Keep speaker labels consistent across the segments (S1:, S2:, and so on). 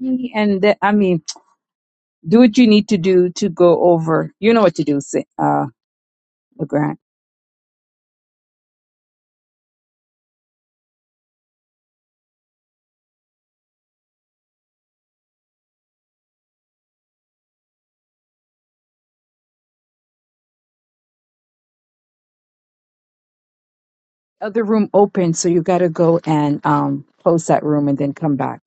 S1: And the- I mean, do what you need to do to go over. You know what to do, Sa- uh, Legrand. Other room open, so you got to go and um close that room and then come back.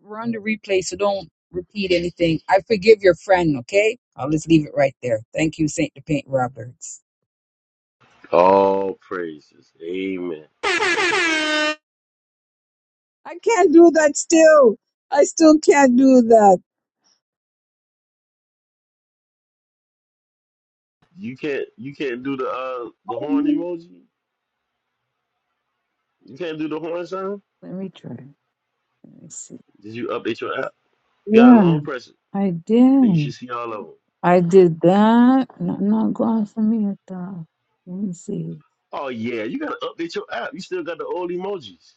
S1: We're on the replay, so don't repeat anything. I forgive your friend, okay? I'll just leave it right there. Thank you, Saint Depaint Roberts.
S2: All praises. Amen.
S1: I can't do that still. I still can't do that.
S2: You can't you can't do the uh the horn
S1: Let
S2: emoji? You can't do the horn sound?
S1: me try. Let me see.
S2: Did you update your app? You got a
S1: Yeah,
S2: long press.
S1: I
S2: Then you
S1: did.
S2: should see all of them.
S1: I did that. and not going for me at all. Let me see.
S2: Oh yeah, you gotta update your app. You still got the old emojis.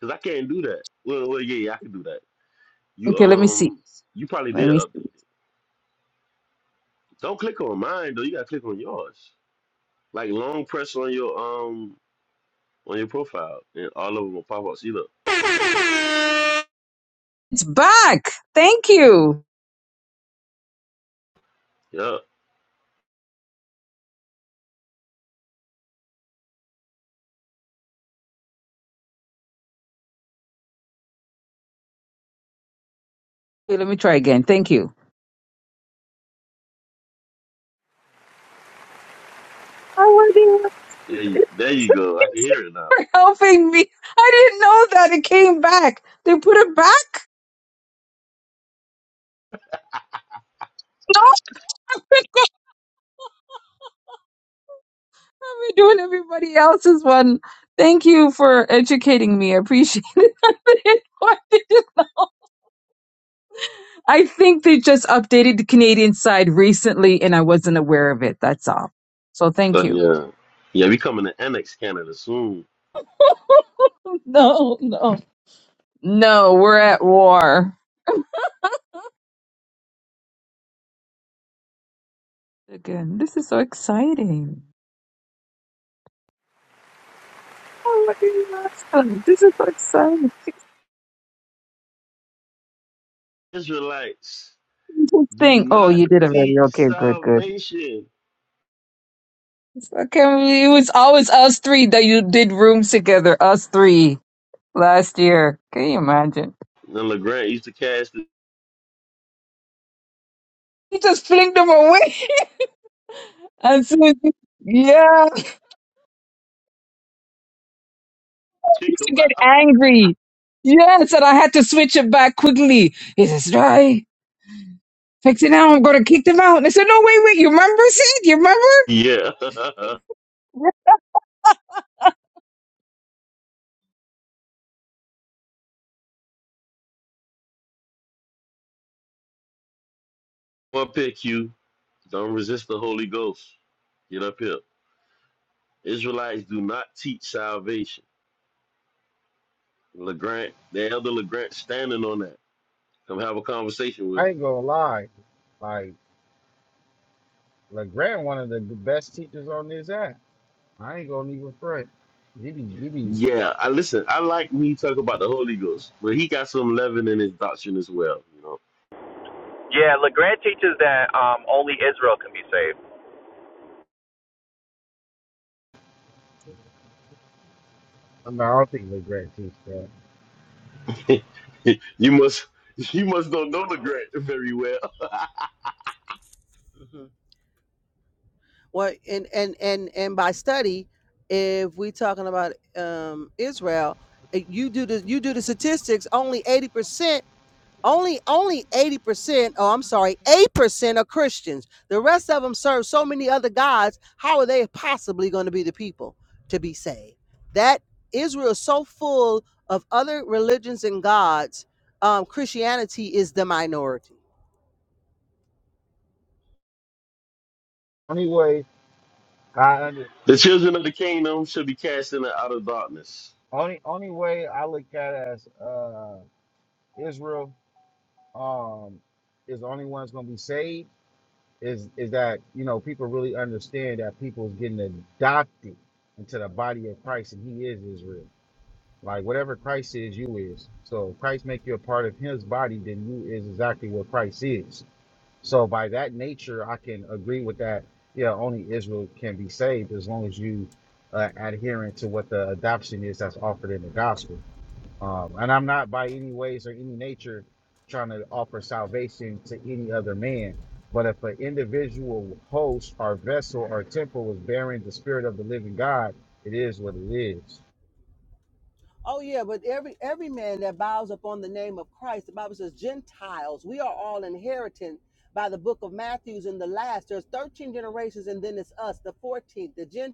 S2: Cause I can't do that. Well, well yeah, yeah, I can do that. You
S1: Okay, let me see.
S2: um you probably
S1: Let
S2: did
S1: me see.
S2: update it. Don't click on mine though, you gotta click on yours. Like long press on your um on your profile and all of them will pop up. See look.
S1: It's back. Thank you.
S2: Yeah.
S1: Okay, let me try again. Thank you. I wasn't even-
S2: There you, there you go. I can hear it now.
S1: for helping me. I didn't know that it came back. They put it back. No, I'm doing everybody else's one. Thank you for educating me. I appreciate it. I think they just updated the Canadian side recently and I wasn't aware of it. That's all. So thank
S2: But
S1: you.
S2: yeah, yeah, we coming to annex Canada soon.
S1: No, no. No, we're at war. Again, this is so exciting. Oh, what did you ask them? This is so exciting.
S2: Israelites do
S1: Thing. Oh,
S2: not
S1: you did already.
S2: teach
S1: Okay, good, good.
S2: salvation.
S1: Okay, it was always us three that you did rooms together. Us three last year. Can you imagine?
S2: And LeGrand used to cast the
S1: You just flinged them away. And so, yeah.
S2: think
S1: used to get
S2: about.
S1: angry. Yes, and I had to switch it back quickly. He says, right? fix it now. I'm going to kick them out. And I said, no, wait, wait. You remember, Sid? You remember?
S2: Yeah. One pick you. Don't resist the Holy Ghost. Get up here. Israelites do not teach salvation. LeGrand, the elder LeGrand standing on that. Come have a conversation with
S3: I
S2: him.
S3: ain't gonna lie. Like LeGrand, one of the best teachers on this app. I ain't gonna even front. He be, he be.
S2: Yeah, I listen, I like me talk about the Holy Ghost, but he got some leaven in his doctrine as well. you know.
S4: Yeah, LeGrand teaches that um, only Israel can be saved.
S3: I, mean, I don't think LeGrand teach that.
S2: you must you must don't know the grant very well.
S5: Mhm. Well, and and and and by study, if we talking about um, Israel, eh, you do the you do the statistics. Only eighty percent. Only only 80%, oh I'm sorry, 8% are Christians. The rest of them serve so many other gods. How are they possibly going to be the people to be saved? That Israel is so full of other religions and gods, um, Christianity is the minority.
S3: Only way I under,
S2: the children of the kingdom should be cast into outer darkness.
S3: only only way I look at it as uh, Israel um, is the only one that's gonna be saved is is that you know people really understand that people's getting adopted into the body of Christ and He is Israel. Like whatever Christ is, you is. So if Christ make you a part of his body, then you is exactly what Christ is. So by that nature, I can agree with that. Yeah, only Israel can be saved as long as you uh, adherent to what the adoption is that's offered in the gospel. Um, and I'm not by any ways or any nature trying to offer salvation to any other man. But if an individual host or vessel or temple is bearing the spirit of the living God, it is what it is.
S5: Oh yeah, but every every man that bows upon the name of Christ, the Bible says Gentiles, we are all inherited by the book of Matthews in the last. There's 13 generations and then it's us, the 14th, the Gentiles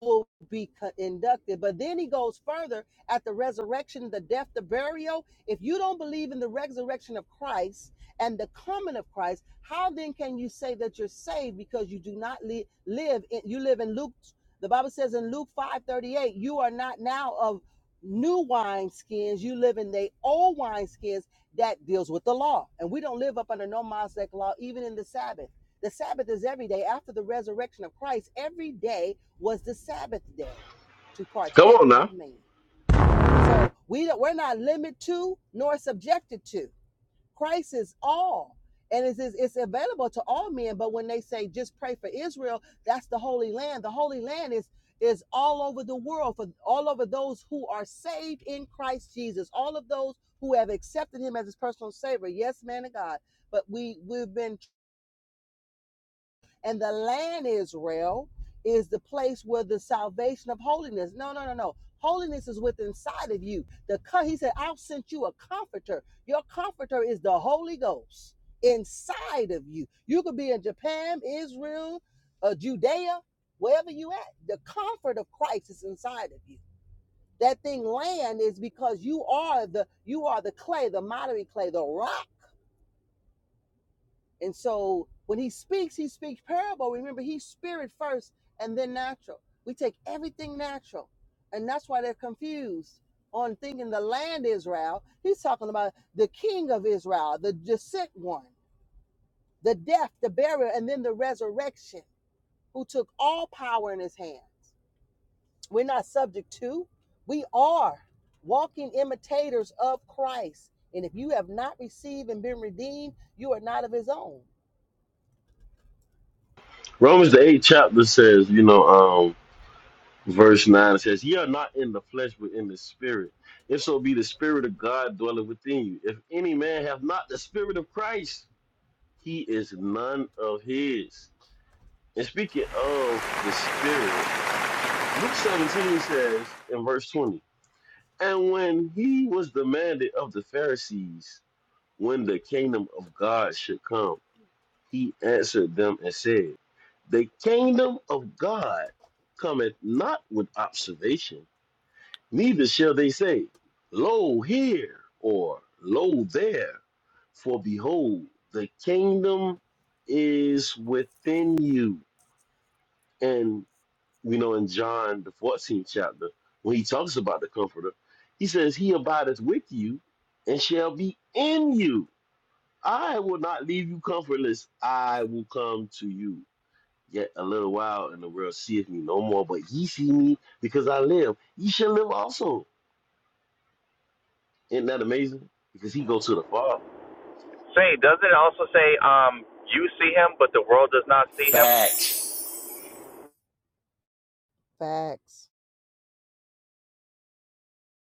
S5: will be inducted. But then he goes further at the resurrection, the death, the burial. If you don't believe in the resurrection of Christ and the coming of Christ, how then can you say that you're saved because you do not li- live in, you live in Luke, the Bible says in Luke 5:38, you are not now of new wine skins, you live in the old wine skins that deals with the law. And we don't live up under no Mosaic law even in the Sabbath. The Sabbath is every day after the resurrection of Christ. Every day was the Sabbath day to
S2: Come
S5: partake
S2: on now.
S5: of man. So we don't, we're not limited to nor subjected to. Christ is all. And it's, it's, it's available to all men, but when they say just pray for Israel, that's the Holy Land. The Holy Land is is all over the world for all over those who are saved in Christ Jesus, all of those who have accepted Him as His personal Savior. Yes, man of God. But we we've been and the land Israel is the place where the salvation of holiness. No, no, no, no. Holiness is within inside of you. The co- he said, "I'll send you a comforter. Your comforter is the Holy Ghost inside of you. You could be in Japan, Israel, uh, Judea, wherever you at. The comfort of Christ is inside of you. That thing land is because you are the you are the clay, the miry clay, the rock and so when he speaks, he speaks parable. Remember, he's spirit first and then natural. We take everything natural. And that's why they're confused on thinking the land Israel. He's talking about the king of Israel, the, the sick one, the death, the burial, and then the resurrection, who took all power in his hands. We're not subject to, we are walking imitators of Christ. And if you have not received and been redeemed, you are not of his own.
S2: Romans the eighth chapter says, you know, um, verse nine says, Ye are not in the flesh, but in the spirit. If so be the spirit of God dwelleth within you. If any man have not the spirit of Christ, he is none of his. And speaking of the spirit, Luke 17 says in verse 20. And when he was demanded of the Pharisees when the kingdom of God should come, he answered them and said, The kingdom of God cometh not with observation, neither shall they say, Lo here or Lo there. For behold, the kingdom is within you. And we know in John, the 14th chapter, when he talks about the Comforter, he says, He abideth with you and shall be in you. I will not leave you comfortless. I will come to you. Yet a little while, and the world seeth me no more, but ye see me because I live. Ye shall live also. Isn't that amazing? Because he goes to the Father.
S4: Say, doesn't it also say um, you see him, but the world does not see him?
S2: Facts.
S5: Facts.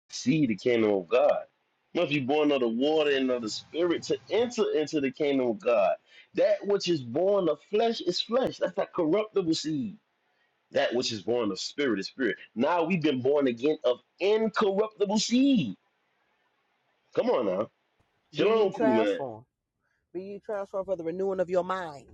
S2: see the kingdom of God. Must be born of the water and of the spirit to enter into the kingdom of God. That which is born of flesh is flesh. That's that corruptible seed. That which is born of spirit is spirit. Now we've been born again of incorruptible seed. Come on now.
S5: Be ye
S2: Shalom, cool man.
S5: transformed. Be ye transformed for the renewing of your mind.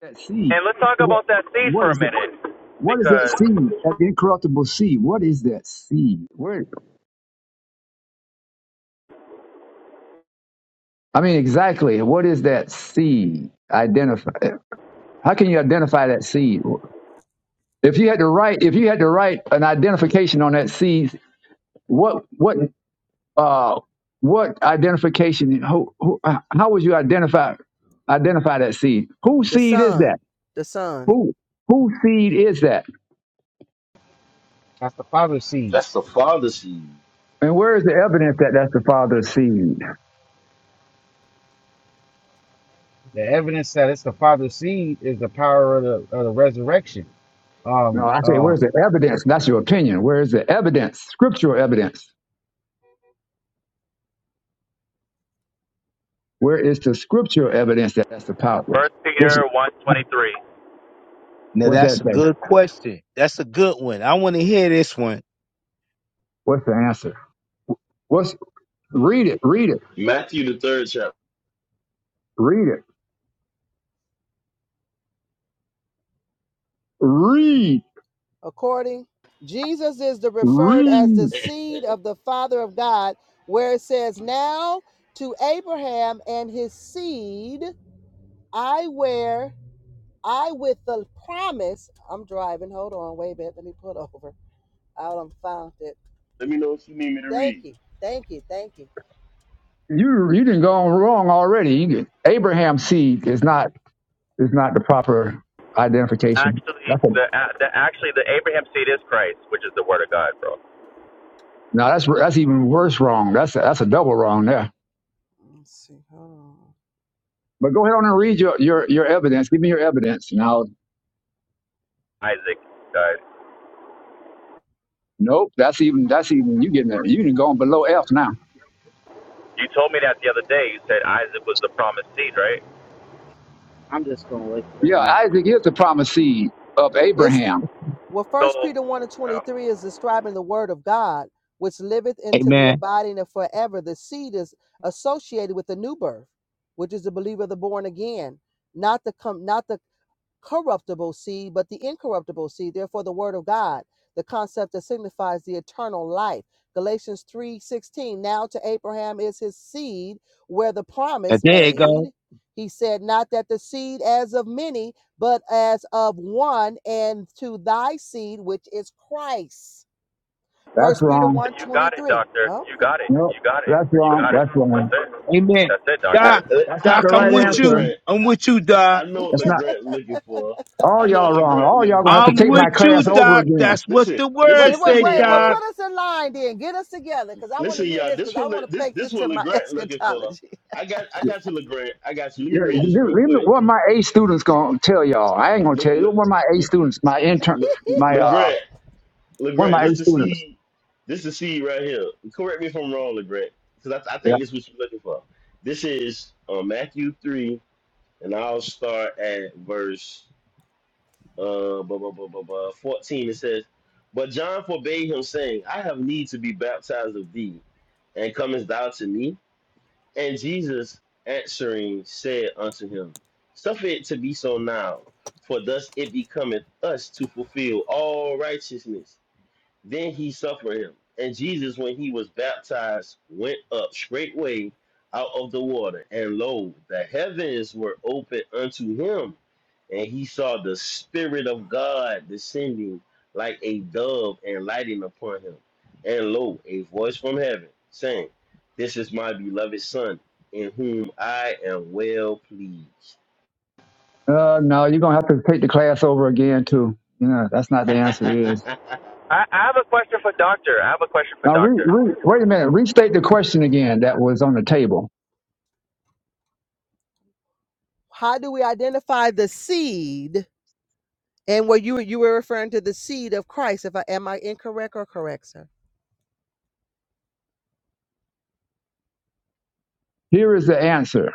S6: That seed.
S4: And let's talk about that seed
S6: What
S4: for a
S6: is that?
S4: minute,
S6: What is that
S4: because
S6: seed? That incorruptible seed. What is that seed? Where? I mean, exactly. What is that seed? Identify. How can you identify that seed? If you had to write, if you had to write an identification on that seed, what, what, uh, what identification? Who, who, how would you identify, identify that seed? Whose
S5: The
S6: seed is that?
S5: Son, the Son.
S6: Who, whose seed is that?
S3: That's the father's seed.
S2: That's the father seed.
S6: And where is the evidence that that's the father's seed?
S3: The evidence that it's the Father's seed is the power of the, of the resurrection.
S6: No,
S3: Um,
S6: I say,
S3: uh,
S6: where's the evidence? That's your opinion. Where is the evidence? Scriptural evidence. Where is the scriptural evidence that that's the power?
S4: First
S6: This
S4: Peter one twenty three.
S7: Now
S6: what's that
S7: that's a
S6: thing?
S7: good question. That's a good one. I want to hear this one.
S6: What's the answer? What's read it? Read it.
S2: Matthew the third chapter.
S6: Read it. Read.
S5: According, Jesus is the referred as the
S6: Read.
S5: seed of the Father of God, where it says, Now to Abraham and his seed, I wear, I with the promise. I'm driving. Hold on. Wait a minute. Let me put over. I found it.
S2: Let me know if you need me to
S5: Thank
S2: read.
S5: you. Thank you. Thank you.
S6: You you didn't go wrong already. You did. Abraham seed is not is not the proper identification.
S4: Actually,
S6: That's a,
S4: the, the actually the Abraham seed is Christ, which is the word of God, bro.
S6: no, that's that's even worse wrong. That's a, that's a double wrong there.
S5: Let's see. Hold on.
S6: But go ahead on and read your your your evidence. Give me your evidence, and I'll.
S4: Isaac, God.
S6: Nope, that's even that's even you getting You even going below F now.
S4: You told me that the other day. You said Isaac was the promised seed, right?
S3: I'm just gonna wait for it.
S6: Yeah,
S3: man.
S6: Isaac is the promised seed of
S5: It's
S6: Abraham.
S5: Well, First
S4: So,
S5: Peter 1 and
S4: um,
S5: 23 is describing the word of God, which liveth into the
S7: Amen.
S5: abiding of forever. The seed is associated with the new birth, which is the believer, the born again, not the com- not the corruptible seed, but the incorruptible seed, therefore the word of God, the concept that signifies the eternal life. Galatians 3:16, now to Abraham is his seed, where the
S7: Uh,
S5: promise
S7: There you go.
S5: made. He said, Not that the seed as of many, but as of one, and to thy seed, which is Christ.
S6: That's
S5: First Peter
S6: wrong.
S5: 1
S4: you got it,
S5: twenty-three.
S4: doctor. You
S5: Okay.
S4: got it.
S6: Nope,
S4: You got it.
S6: that's
S4: You
S6: wrong.
S4: got it.
S6: That's
S4: That's
S6: wrong.
S4: it.
S7: Amen.
S4: That's it,
S2: I
S4: doctor.
S7: Doc,
S6: That's
S2: I,
S6: not
S7: Doc,
S6: the
S7: I'm
S2: I know
S6: right
S2: what
S7: with
S6: answer.
S7: you.
S2: LeGrant.
S7: I'm
S2: I,
S7: with you,
S2: I
S7: Doc.
S2: know what
S6: That's not.
S2: LeGrant looking for.
S6: All
S2: I know
S6: y'all are
S2: what
S6: wrong.
S2: LeGrant
S6: All y'all
S2: looking.
S6: gonna have to
S7: I'm
S6: take
S5: What
S2: They,
S6: my
S7: with you,
S6: class
S2: listen,
S6: over
S7: Doc.
S6: again.
S7: That's what
S2: Listen,
S7: the word
S2: listen,
S5: well, well,
S2: listen,
S7: said,
S5: wait, well,
S7: Doc.
S2: y'all.
S5: put us in line then. Get us together because I want to
S2: Listen,
S5: hear
S2: y'all.
S5: this
S2: This
S5: because I
S2: one,
S5: want to
S2: this
S5: take this
S2: this one,
S5: to my
S2: Legrand looking for.
S5: eschatology.
S2: I got, I
S6: Yeah,
S2: got you, Legrand. I got you. Let me
S6: yeah,
S2: read this real
S6: leave me-
S2: quick.
S6: What my A students gonna tell y'all? I ain't gonna
S2: Look,
S6: tell you. One of my A students, my intern,
S2: look,
S6: my uh,
S2: Legrand,
S6: one of
S2: Legrand.
S6: my A
S2: This the
S6: students.
S2: seed. This the seed right here. Correct me if I'm wrong, Legrand, because I, I
S6: Yeah.
S2: think this is what you're looking for. This is uh, Matthew three, and I'll start at verse uh, blah, blah, blah, blah, blah, fourteen. It says, "But John forbade him, saying, I have need to be baptized of thee, and comest thou to me? And Jesus answering said unto him, Suffer it to be so now, for thus it becometh us to fulfill all righteousness. Then he suffered him. And Jesus, when he was baptized, went up straightway out of the water. And lo, the heavens were opened unto him. And he saw the Spirit of God descending like a dove and lighting upon him. And lo, a voice from heaven saying, This is my beloved Son, in whom I am well pleased.
S6: Uh, no, you're gonna have to take the class over again too. Yeah, that's not the answer. It Is.
S4: I, I have a question for doctor. I have a question for
S6: Now, re,
S4: doctor.
S6: re, wait a minute. Restate the question again that was on the table.
S5: how do we identify the seed? And where you you were referring to the seed of Christ, if I am I incorrect or correct, sir?
S6: Here is the answer.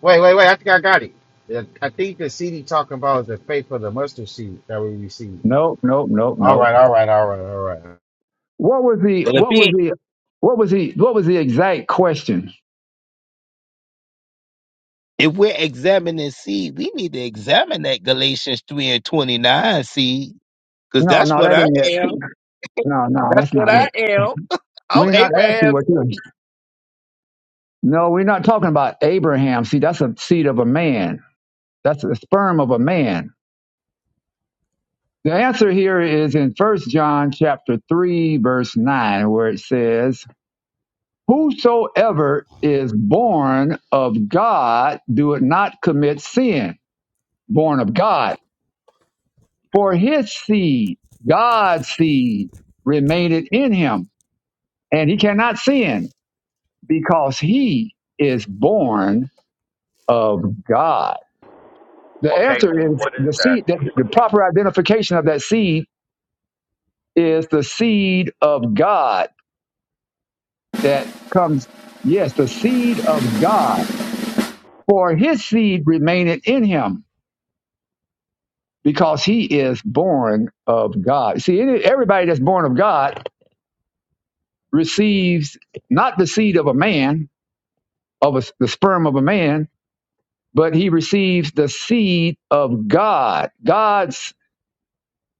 S3: Wait, wait, wait. I think I got it. The- I think the seed he's talking about is the faith of the mustard seed that we receive.
S6: Nope, nope, nope,
S3: All
S6: nope.
S3: right, all right, all right, all right.
S6: What was the
S7: And if,
S6: what was
S7: it,
S6: the what was the what was the exact question?
S7: if we're examining seed, we need to examine that Galatians 3 and 29 seed, because
S6: No,
S7: that's
S6: no,
S7: what
S6: that
S7: I
S6: ain't it.
S7: am.
S6: No, no,
S7: That's
S6: that's
S7: what
S6: not
S7: I
S6: it.
S7: am. I'm
S6: We're not asking what
S7: Abraham.
S6: you. No, we're not talking about Abraham. See, that's a seed of a man. That's the sperm of a man. The answer here is in First John chapter three, verse nine, where it says, Whosoever is born of God doeth not commit sin, born of God. For his seed, God's seed, remaineth in him, and he cannot sin because he is born of God. The
S4: Okay,
S6: answer
S4: so
S6: is
S4: what is
S6: the
S4: that
S6: seed, the, the
S4: scene?
S6: proper identification of that seed is the seed of God that comes, yes, the seed of God. For his seed remaineth in him because he is born of God. See, any- everybody that's born of God receives not the seed of a man, of a, the sperm of a man, but he receives the seed of God. God's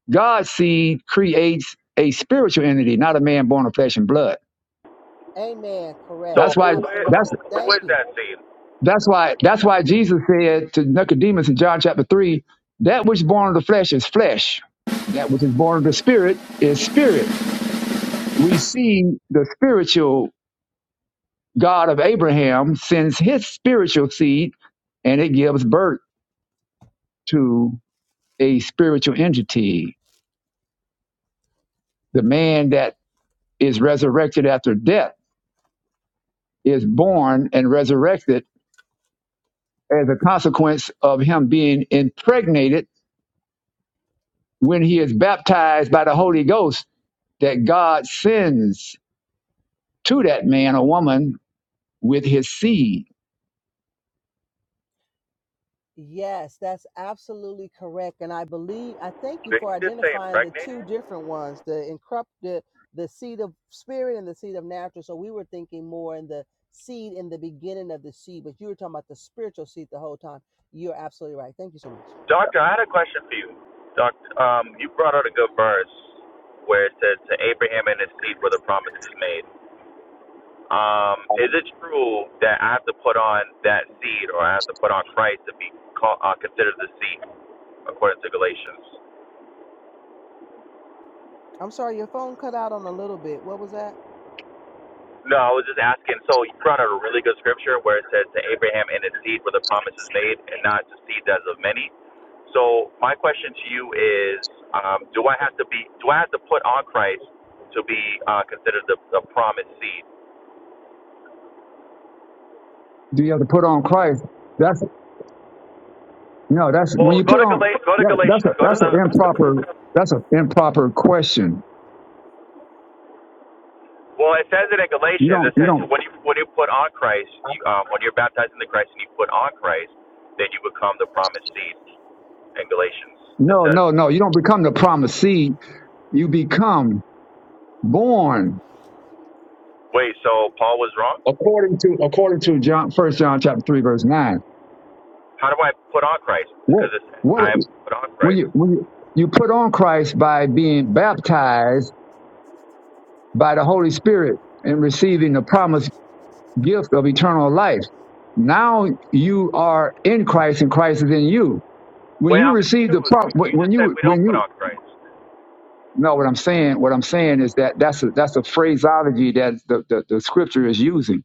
S6: God's seed creates a spiritual entity, not a man born of flesh and blood.
S5: Amen. Correct.
S6: That's
S4: So
S6: why
S4: who is
S5: Absolutely.
S6: that's
S4: who
S5: Thank
S4: is
S5: you.
S4: that scene?
S6: that's why that's why Jesus said to Nicodemus in John chapter three, that which is born of the flesh is flesh, that which is born of the spirit is spirit. We see the spiritual God of Abraham sends his spiritual seed and it gives birth to a spiritual entity. The man that is resurrected after death is born and resurrected as a consequence of him being impregnated when he is baptized by the Holy Ghost that God sends to that man or woman with his seed.
S5: Yes, that's absolutely correct. And I believe, I thank you
S4: Did he
S5: for
S4: just say
S5: identifying the
S4: impregnated?
S5: two different ones, the incorrupted, the the seed of spirit and the seed of natural. So we were thinking more in the seed in the beginning of the seed, but you were talking about the spiritual seed the whole time. You're absolutely right. Thank you so much.
S4: Doctor, I had a question for you. Doctor, um, you brought out a good verse where it says to Abraham and his seed were the promises made. Um, is it true that I have to put on that seed, or I have to put on Christ to be call, uh, considered the seed according to Galatians?
S5: I'm sorry, your phone cut out on a little bit. What was that?
S4: No, I was just asking. So you brought out a really good scripture where it says to Abraham and his seed where the promise is made, and not to seed as of many. So my question to you is, um, do I have to be? Do I have to put on Christ to be uh, considered the, the promised seed?
S6: Do you have to put on Christ? That's No, that's when
S4: Well,
S6: you put
S4: go to
S6: on.
S4: Galatians. Go to
S6: Yeah, that's a
S4: Galatians. Go to
S6: that's an
S4: the.
S6: improper that's an improper question.
S4: Well, it says it in
S6: You
S4: Galatians.
S6: don't
S4: It
S6: you
S4: says
S6: don't
S4: when you when you put on Christ, you, um, when you're baptized into Christ and you put on Christ, then you become the promised seed. In Galatians, it
S6: no
S4: says.
S6: no no you don't become the promised seed. You become born
S4: Wait, so Paul was wrong?
S6: according to according to John First John chapter three verse nine.
S4: How do I put on Christ?
S6: What
S4: Because it's,
S6: what
S4: I put on
S6: when
S4: Christ.
S6: you when you you put on Christ by being baptized by the Holy Spirit and receiving the promised gift of eternal life. Now you are in Christ and Christ is in you when
S4: Wait,
S6: you
S4: I'm
S6: receive the
S4: confused.
S6: prop
S4: You
S6: when when
S4: just said
S6: you
S4: we don't
S6: when
S4: put
S6: you
S4: on Christ.
S6: No, what I'm saying, what I'm saying is that that's a, that's a phraseology that the, the, the scripture is using.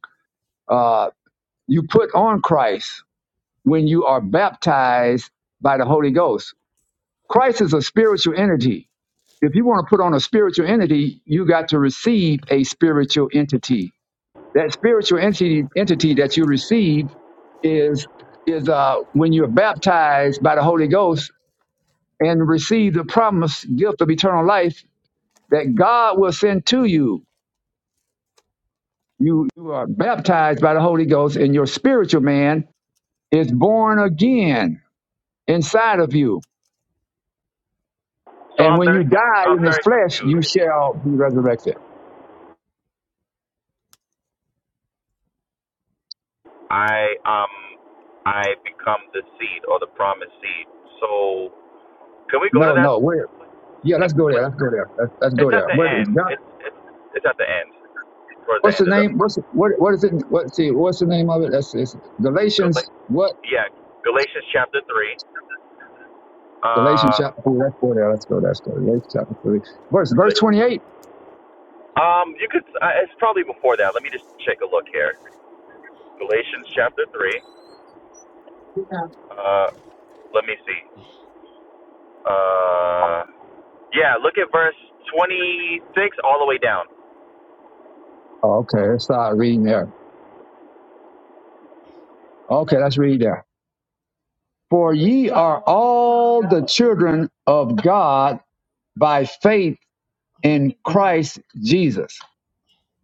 S6: Uh, you put on Christ when you are baptized by the Holy Ghost. Christ is a spiritual entity. If you want to put on a spiritual entity, you got to receive a spiritual entity. That spiritual entity, entity that you receive is is uh, when you're baptized by the Holy Ghost and receive the promised gift of eternal life that God will send to you You, you are baptized by the Holy Ghost, and your spiritual man is born again inside of you.
S4: So
S6: And
S4: I'm
S6: when
S4: very
S6: you
S4: conf-
S6: die
S4: I'm
S6: in this
S4: very
S6: flesh, you
S4: confused.
S6: shall be resurrected.
S4: I um I become the seed or the promised seed. So can we go to
S6: No,
S4: that?
S6: no, where? Yeah, let's go there. Let's go there. Let's, let's go
S4: It's at
S6: there.
S4: the
S6: Where is
S4: end.
S6: God?
S4: It's it's it's at the end. Towards the
S6: What's the
S4: end of the
S6: name? What's the, what? What is it? What? See, what's the name of it? That's it's Galatians.
S4: Gal-
S6: What?
S4: yeah Galatians chapter three.
S6: Galatians
S4: Uh,
S6: chapter three. Let's go there. Let's go. Let's go. Galatians chapter three, verse verse twenty eight.
S4: um, you could uh, it's probably before that. Let me just take a look here. Galatians chapter 3. Uh, let me see. Uh, yeah, look at verse 26 all the way down.
S6: Oh, okay, let's start reading there. Okay, let's read there. For ye are all the children of God by faith in Christ Jesus.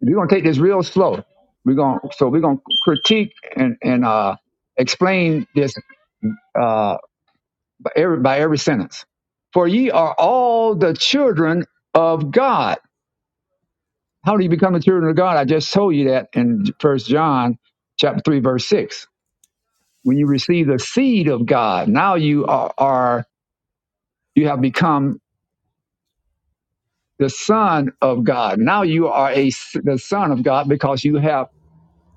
S6: We're gonna take this real slow. We're gonna so we're gonna critique and and uh, explain this uh, by, every, by every sentence. For ye are all the children of God. How do you become the children of God? I just told you that in First John chapter three verse six. When you receive the seed of God, now you are, are you have become the son of God. Now you are a the son of God because you have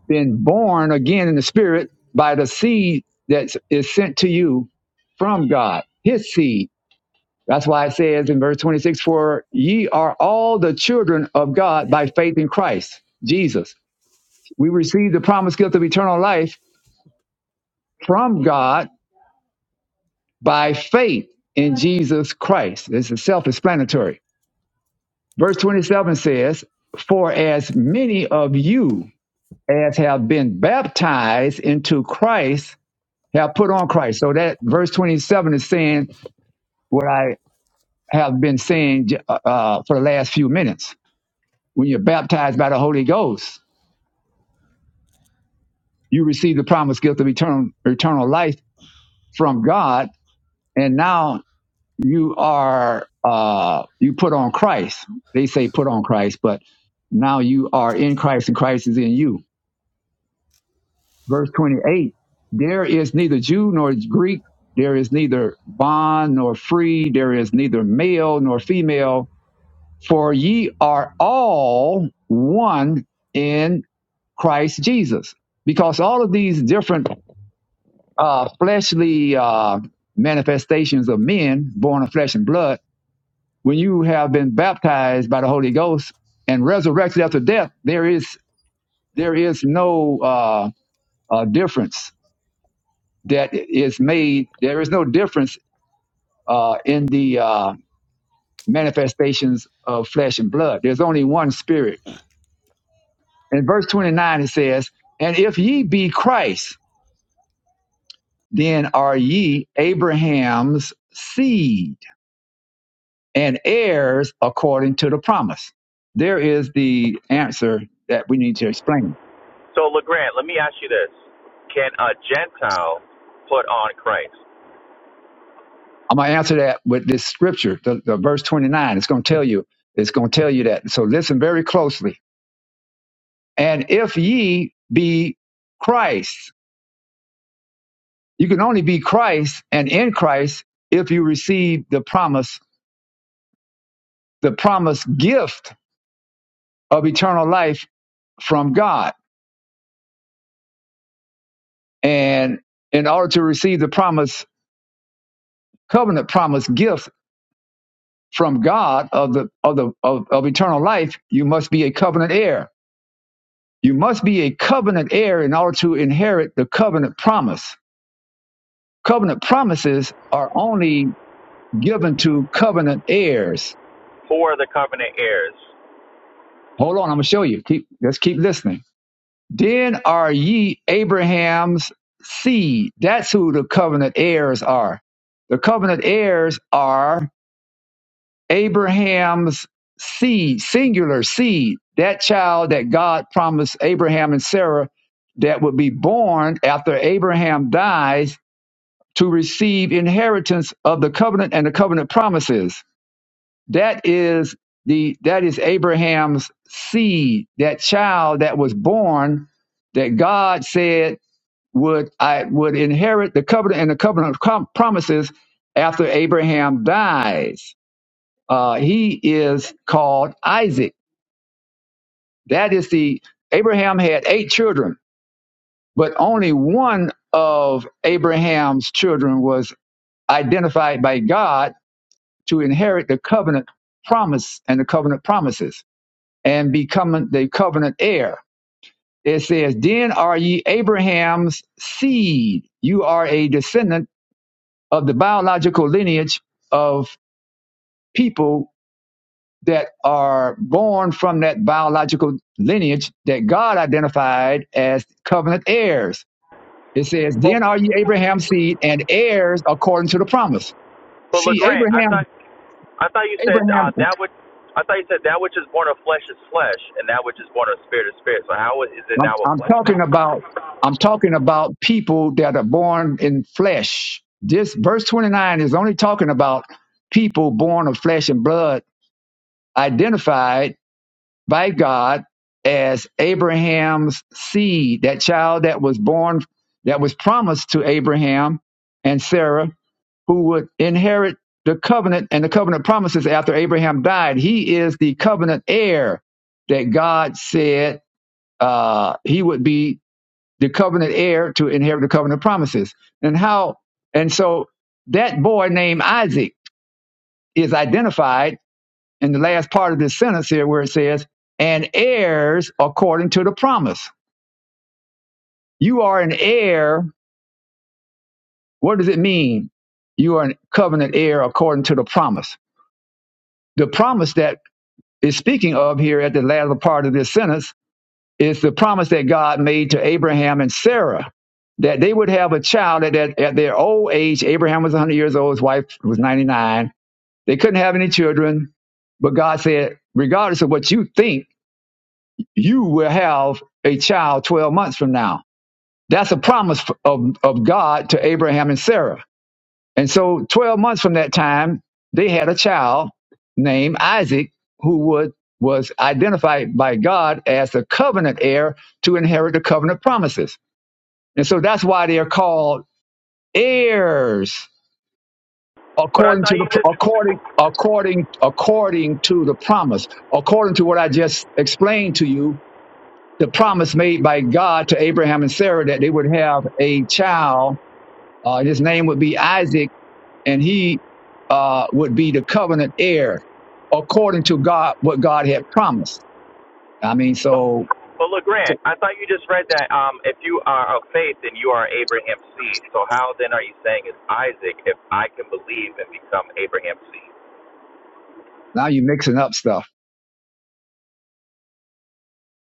S6: been born again in the spirit by the seed that is sent to you from God, his seed. That's why it says in verse 26, for ye are all the children of God by faith in Christ, Jesus. We receive the promised gift of eternal life from God by faith in Jesus Christ. This is self-explanatory. Verse 27 says, for as many of you as have been baptized into Christ, have put on Christ. So that verse 27 is saying what I have been saying uh, uh, for the last few minutes. When you're baptized by the Holy Ghost, you receive the promised gift of eternal, eternal life from God, and now you are uh, you put on Christ. They say put on Christ, but now you are in Christ, and Christ is in you. verse 28 there is neither jew nor greek there is neither bond nor free there is neither male nor female for ye are all one in christ jesus because all of these different uh, fleshly uh, manifestations of men born of flesh and blood when you have been baptized by the holy ghost and resurrected after death there is there is no uh, uh, difference that is made, there is no difference uh, in the uh, manifestations of flesh and blood. There's only one spirit. In verse 29, it says, And if ye be Christ, then are ye Abraham's seed and heirs according to the promise. There is the answer that we need to explain.
S4: So, LeGrand, let me ask you this. Can a Gentile put on Christ?
S6: I'm going to answer that with this scripture, the, the verse 29. It's going to tell you, it's going to tell you that. So listen very closely And if ye be Christ, you can only be Christ and in Christ if you receive the promise, the promised gift of eternal life from God. And in order to receive the promise, covenant promise gift from God of the of the of, of eternal life, you must be a covenant heir. You must be a covenant heir in order to inherit the covenant promise. Covenant promises are only given to covenant heirs
S4: Who are the covenant heirs?
S6: Hold on, I'm gonna show you. Keep let's keep listening. Then are ye Abraham's seed. That's who the covenant heirs are. The covenant heirs are Abraham's seed, singular seed. That child that God promised Abraham and Sarah that would be born after Abraham dies to receive inheritance of the covenant and the covenant promises that is the that is Abraham's seed, that child that was born that God said would I would inherit the covenant and the covenant com- promises after Abraham dies. Uh, he is called Isaac. That is the Abraham had eight children, but only one of Abraham's children was identified by God to inherit the covenant promise and the covenant promises and becoming the covenant heir. It says, Then are ye Abraham's seed. You are a descendant of the biological lineage of people that are born from that biological lineage that God identified as covenant heirs. It says,
S4: But,
S6: Then are ye Abraham's seed and heirs according to the promise.
S4: but
S6: See,
S4: LeGrand, I
S6: Abraham,
S4: thought, I thought you said uh,
S6: Abraham.
S4: that would. I thought you said that which is born of flesh is flesh, and that which is born of spirit is spirit. So how is it
S6: I'm,
S4: now a
S6: I'm
S4: flesh thing?
S6: talking about I'm talking about people that are born in flesh. This verse 29 is only talking about people born of flesh and blood, identified by God as Abraham's seed, that child that was born that was promised to Abraham and Sarah, who would inherit the covenant and the covenant promises after Abraham died. He is the covenant heir that God said uh, he would be the covenant heir to inherit the covenant promises. And how, and so that boy named Isaac is identified in the last part of this sentence here where it says, and heirs according to the promise. You are an heir. What does it mean? You are a covenant heir according to the promise. The promise that is speaking of here at the latter part of this sentence Is the promise that God made to Abraham and Sarah that they would have a child at, that, at their old age. Abraham was 100 years old, his wife was 99. They couldn't have any children, but God said, regardless of what you think, you will have a child 12 months from now. That's a promise of, of God to Abraham and Sarah. And so 12 months from that time, they had a child named Isaac who would was identified by God as the covenant heir to inherit the covenant promises. And so that's why they are called heirs
S4: But I
S6: according to
S4: thought you
S6: the
S4: just.
S6: according according according to the promise. According to what I just explained to you, the promise made by God to Abraham and Sarah that they would have a child, uh, his name would be Isaac and he uh, would be the covenant heir according to God, what God had promised. I mean, so
S4: But look, Grant, I thought you just read that um, if you are of faith, then you are Abraham's seed. So how then are you saying it's Isaac if I can believe and become Abraham's seed?
S6: now you're mixing up stuff.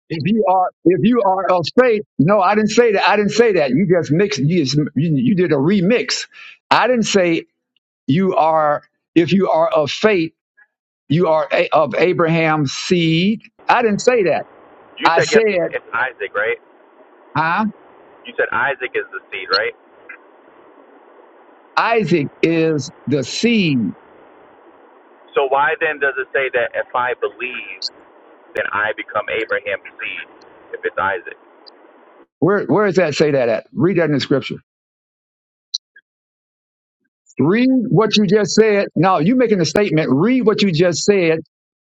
S6: If you are, if you are of faith, no, I didn't say that. I didn't say that. You just mixed. You just, you, you did a remix. I didn't say you are. If you are of faith, you are a, of Abraham's seed. I didn't say that.
S4: You
S6: I
S4: said yes,
S6: said,
S4: it's Isaac, right?
S6: huh?
S4: You said Isaac is the seed, right?
S6: Isaac is the seed.
S4: So why then does it say that if I believe, then I become Abraham's seed if it's Isaac?
S6: Where, where does that say that at? Read that in the scripture. Read what you just said. Now you making a statement. Read what you just said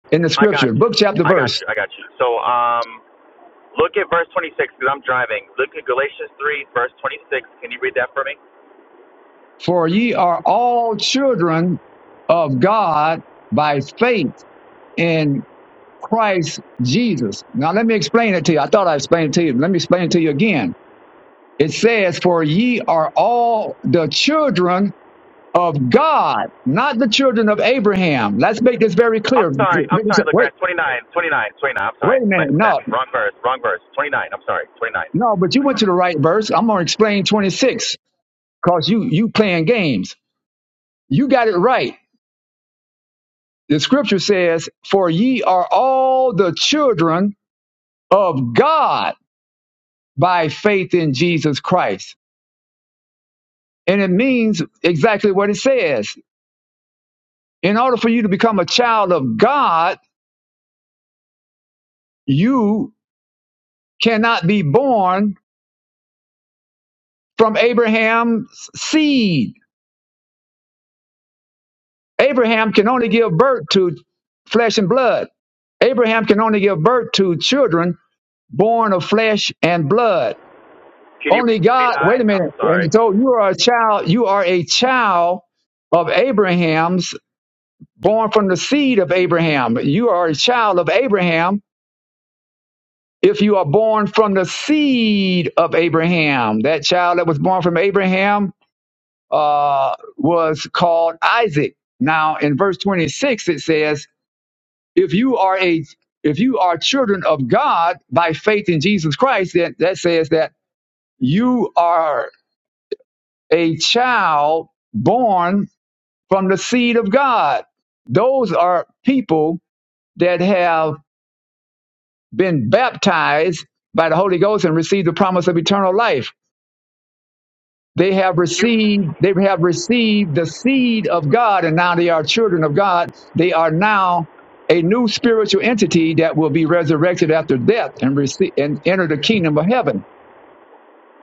S6: in the
S4: I got
S6: scripture,
S4: you.
S6: book, chapter,
S4: I got
S6: verse.
S4: you. I got you. So um, look at verse 26 because I'm driving. Look at Galatians 3, verse 26. Can you read that for me?
S6: For ye are all children of God by faith in Christ Jesus. Now let me explain it to you. I thought I explained it to you. Let me explain it to you again. It says, For ye are all the children of God, not the children of Abraham. Let's make this very
S4: I'm
S6: clear.
S4: sorry. I'm
S6: Wait,
S4: sorry, LeGrand. 29, I'm sorry.
S6: wait a minute.
S4: Ma- ma-
S6: No,
S4: wrong verse. Wrong verse. 29. I'm sorry. 29.
S6: No, but you went to the right verse. I'm gonna explain 26 because you you playing games. You got it right. The scripture says, "For ye are all the children of God by faith in Jesus Christ," and it means exactly what it says. In order for you to become a child of God, you cannot be born from Abraham's seed. Abraham can only give birth to flesh and blood. Abraham can only give birth to children born of flesh and blood.
S4: Can you read
S6: Only
S4: 29?
S6: God, wait a
S4: I'm
S6: minute. And
S4: sorry.
S6: he told you are a child, you are a child of Abraham's, born from the seed of Abraham. You are a child of Abraham if you are born from the seed of Abraham. That child that was born from Abraham uh, was called Isaac. Now in verse 26 it says, if you are a if you are children of God by faith in Jesus Christ, then that says that you are a child born from the seed of God. Those are people that have been baptized by the Holy Ghost and received the promise of eternal life. They have
S4: You
S6: received they have received the seed of God and now they are children of God. They are now a new spiritual entity that will be resurrected after death and receive and enter the kingdom of heaven.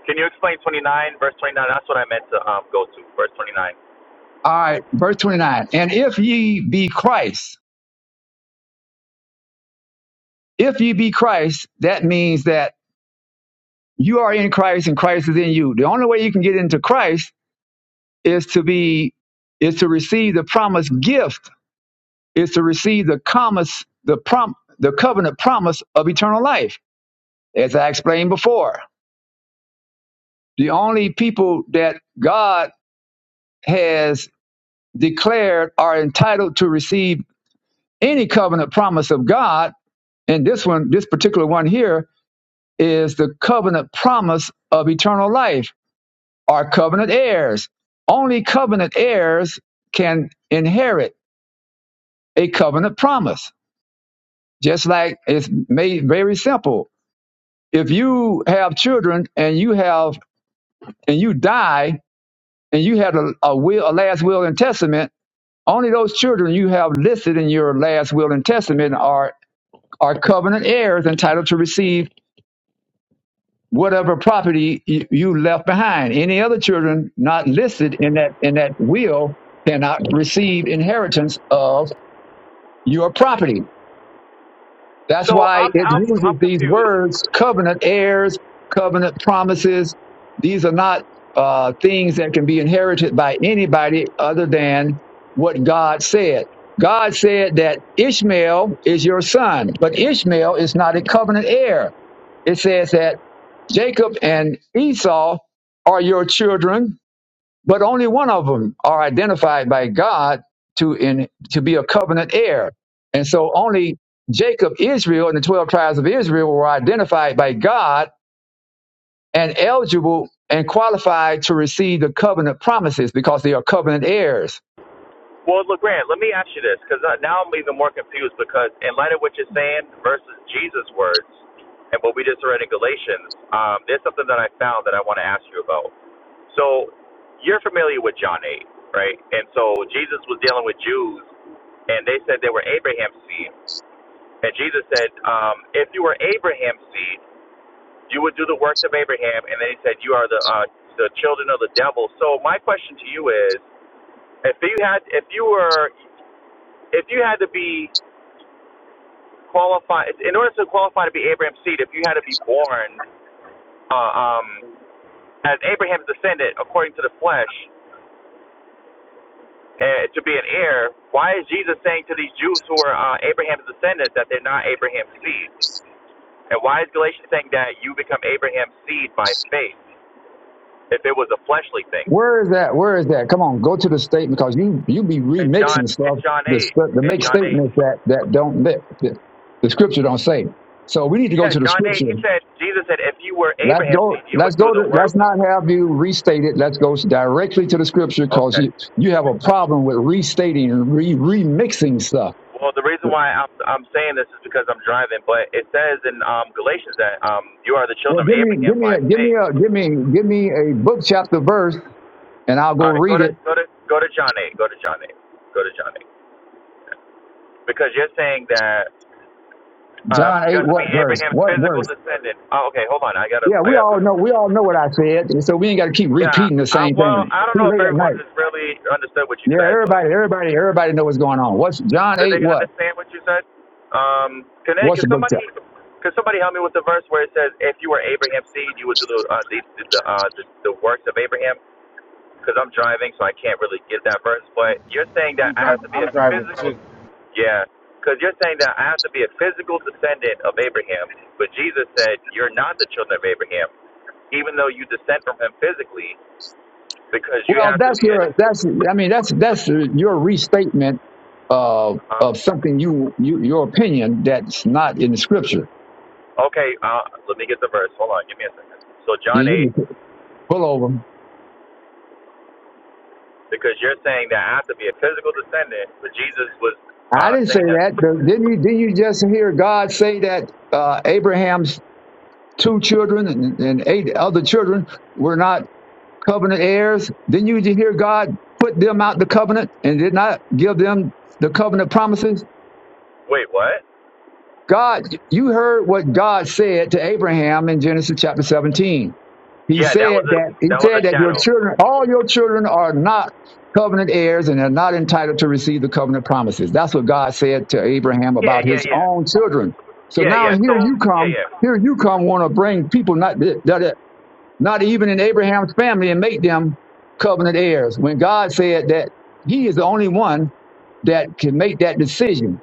S4: Can you explain 29 verse 29? That's what I meant to um, go to verse 29.
S6: All right, verse 29. And if ye be Christ, if ye be Christ, that means that You are in Christ and Christ is in you. The only way you can get into Christ is to be is to receive the promised gift, is to receive the promise, the prom the covenant promise of eternal life. As I explained before, the only people that God has declared are entitled to receive any covenant promise of God, and this one, this particular one here, is the covenant promise of eternal life are covenant heirs. Only covenant heirs can inherit a covenant promise. Just like it's made very simple. If you have children and you have and you die and you had a, a will, a last will and testament, only those children you have listed in your last will and testament are are covenant heirs entitled to receive whatever property y- you left behind. Any other children not listed in that in that will cannot receive inheritance of your property. That's
S4: So
S6: why
S4: I'm
S6: it
S4: I'm
S6: uses
S4: I'm
S6: these
S4: confused.
S6: words: covenant heirs, covenant promises. These are not uh, things that can be inherited by anybody other than what God said. God said that Ishmael is your son, but Ishmael is not a covenant heir. It says that Jacob and Esau are your children, but only one of them are identified by God to in to be a covenant heir. And so only Jacob, Israel, and the 12 tribes of Israel were identified by God and eligible and qualified to receive the covenant promises because they are covenant heirs.
S4: Well, Legrand, let me ask you this because uh, now I'm even more confused because in light of what you're saying versus Jesus' words and what we just read in Galatians, um, there's something that I found that I want to ask you about. So you're familiar with John 8, right? And so Jesus was dealing with Jews, and they said they were Abraham's seed. And Jesus said, um, if you were Abraham's seed, you would do the works of Abraham. And then he said, you are the uh, the children of the devil. So my question to you is, if you had, if you were, if you had to be qualified, in order to qualify to be Abraham's seed, if you had to be born uh, um, as Abraham's descendant according to the flesh, uh, to be an heir, why is Jesus saying to these Jews who are uh, Abraham's descendants that they're not Abraham's seed? And why is Galatians saying that you become Abraham's seed by faith if it was a fleshly thing?
S6: Where is that? Where is that? Come on, go to the statement because you you be
S4: In John,
S6: remixing
S4: in
S6: stuff
S4: John
S6: to, st- to
S4: 8, in
S6: make
S4: John
S6: statements
S4: 8.
S6: that that don't that, that the scripture don't say. So we need to go
S4: Yeah,
S6: to the
S4: John 8,
S6: scripture.
S4: he said, Jesus said, if you were
S6: Let's
S4: Abraham's
S6: go.
S4: seed, you
S6: Let's
S4: would do
S6: go to.
S4: the
S6: Let's
S4: works of.
S6: not have you restate it. Let's go directly to the scripture because
S4: Okay.
S6: you you have a problem with restating and re remixing stuff.
S4: Well, the reason why I'm, I'm saying this is because I'm driving, but it says in um, Galatians that um, you are the
S6: Well,
S4: children of
S6: give me
S4: Abraham
S6: give me
S4: by
S6: a give me
S4: faith.
S6: a give me give me a book chapter verse and I'll
S4: All
S6: go
S4: right, go
S6: read
S4: to
S6: it.
S4: go to go to John 8. Go to John 8. Go to John 8. Because you're saying that um,
S6: John
S4: you
S6: eight
S4: have to
S6: what
S4: be
S6: verse?
S4: Abraham's
S6: What
S4: physical
S6: verse?
S4: descendant. Oh, okay, hold on. I gotta,
S6: Yeah,
S4: I
S6: we
S4: gotta.
S6: all know we all know what I said, and so we ain't got to keep
S4: Yeah,
S6: repeating the
S4: I,
S6: same
S4: well,
S6: thing.
S4: I don't
S6: Too
S4: know if
S6: late at
S4: everyone
S6: night.
S4: has really understood what you
S6: Yeah,
S4: said, but
S6: everybody, everybody, everybody know what's going on. What's John
S4: did
S6: eight?
S4: they
S6: What?
S4: understand what you said? Um, can they,
S6: What's
S4: can
S6: the book
S4: somebody,
S6: tell?
S4: can somebody help me with the verse where it says, "If you were Abraham's seed, you would do the uh, the the, uh, the, the works of Abraham"? Because I'm driving, so I can't really get that verse. But you're saying that
S3: I'm
S4: I have to
S3: driving.
S4: be
S3: I'm
S4: a
S3: driving
S4: physical
S3: too.
S4: Yeah, because you're saying that I have to be a physical descendant of Abraham, but Jesus said you're not the children of Abraham, even though you descend from him physically, because you
S6: Well,
S4: have to
S6: that's
S4: be a.
S6: your that's I mean that's that's your restatement of
S4: Uh,
S6: of something you you your opinion that's not in the scripture.
S4: okay, uh, let me get the verse. Hold on, give me a second. So
S6: You,
S4: John eight,
S6: you can pull over.
S4: because you're saying that I have to be a physical descendant, but Jesus was
S6: I
S4: uh,
S6: didn't say
S4: saying that.
S6: that. Didn't you? Didn't you just hear God say that uh, Abraham's two children and, and eight other children were not? covenant heirs. Then you just hear God put them out the covenant and did not give them the covenant promises?
S4: Wait, what?
S6: God, you heard what God said to Abraham in Genesis chapter 17. He
S4: Yeah, that
S6: said
S4: was a
S6: that he
S4: that was
S6: said
S4: a
S6: that your
S4: shadow.
S6: children, all your children are not covenant heirs and are not entitled to receive the covenant promises. That's what God said to Abraham
S4: Yeah,
S6: about
S4: yeah,
S6: his
S4: yeah,
S6: own children. So
S4: yeah,
S6: now
S4: yeah. So
S6: here you
S4: yeah,
S6: come,
S4: yeah,
S6: here you come want to bring people not that, that not even in Abraham's family, and make them covenant heirs. When God said that He is the only one that can make that decision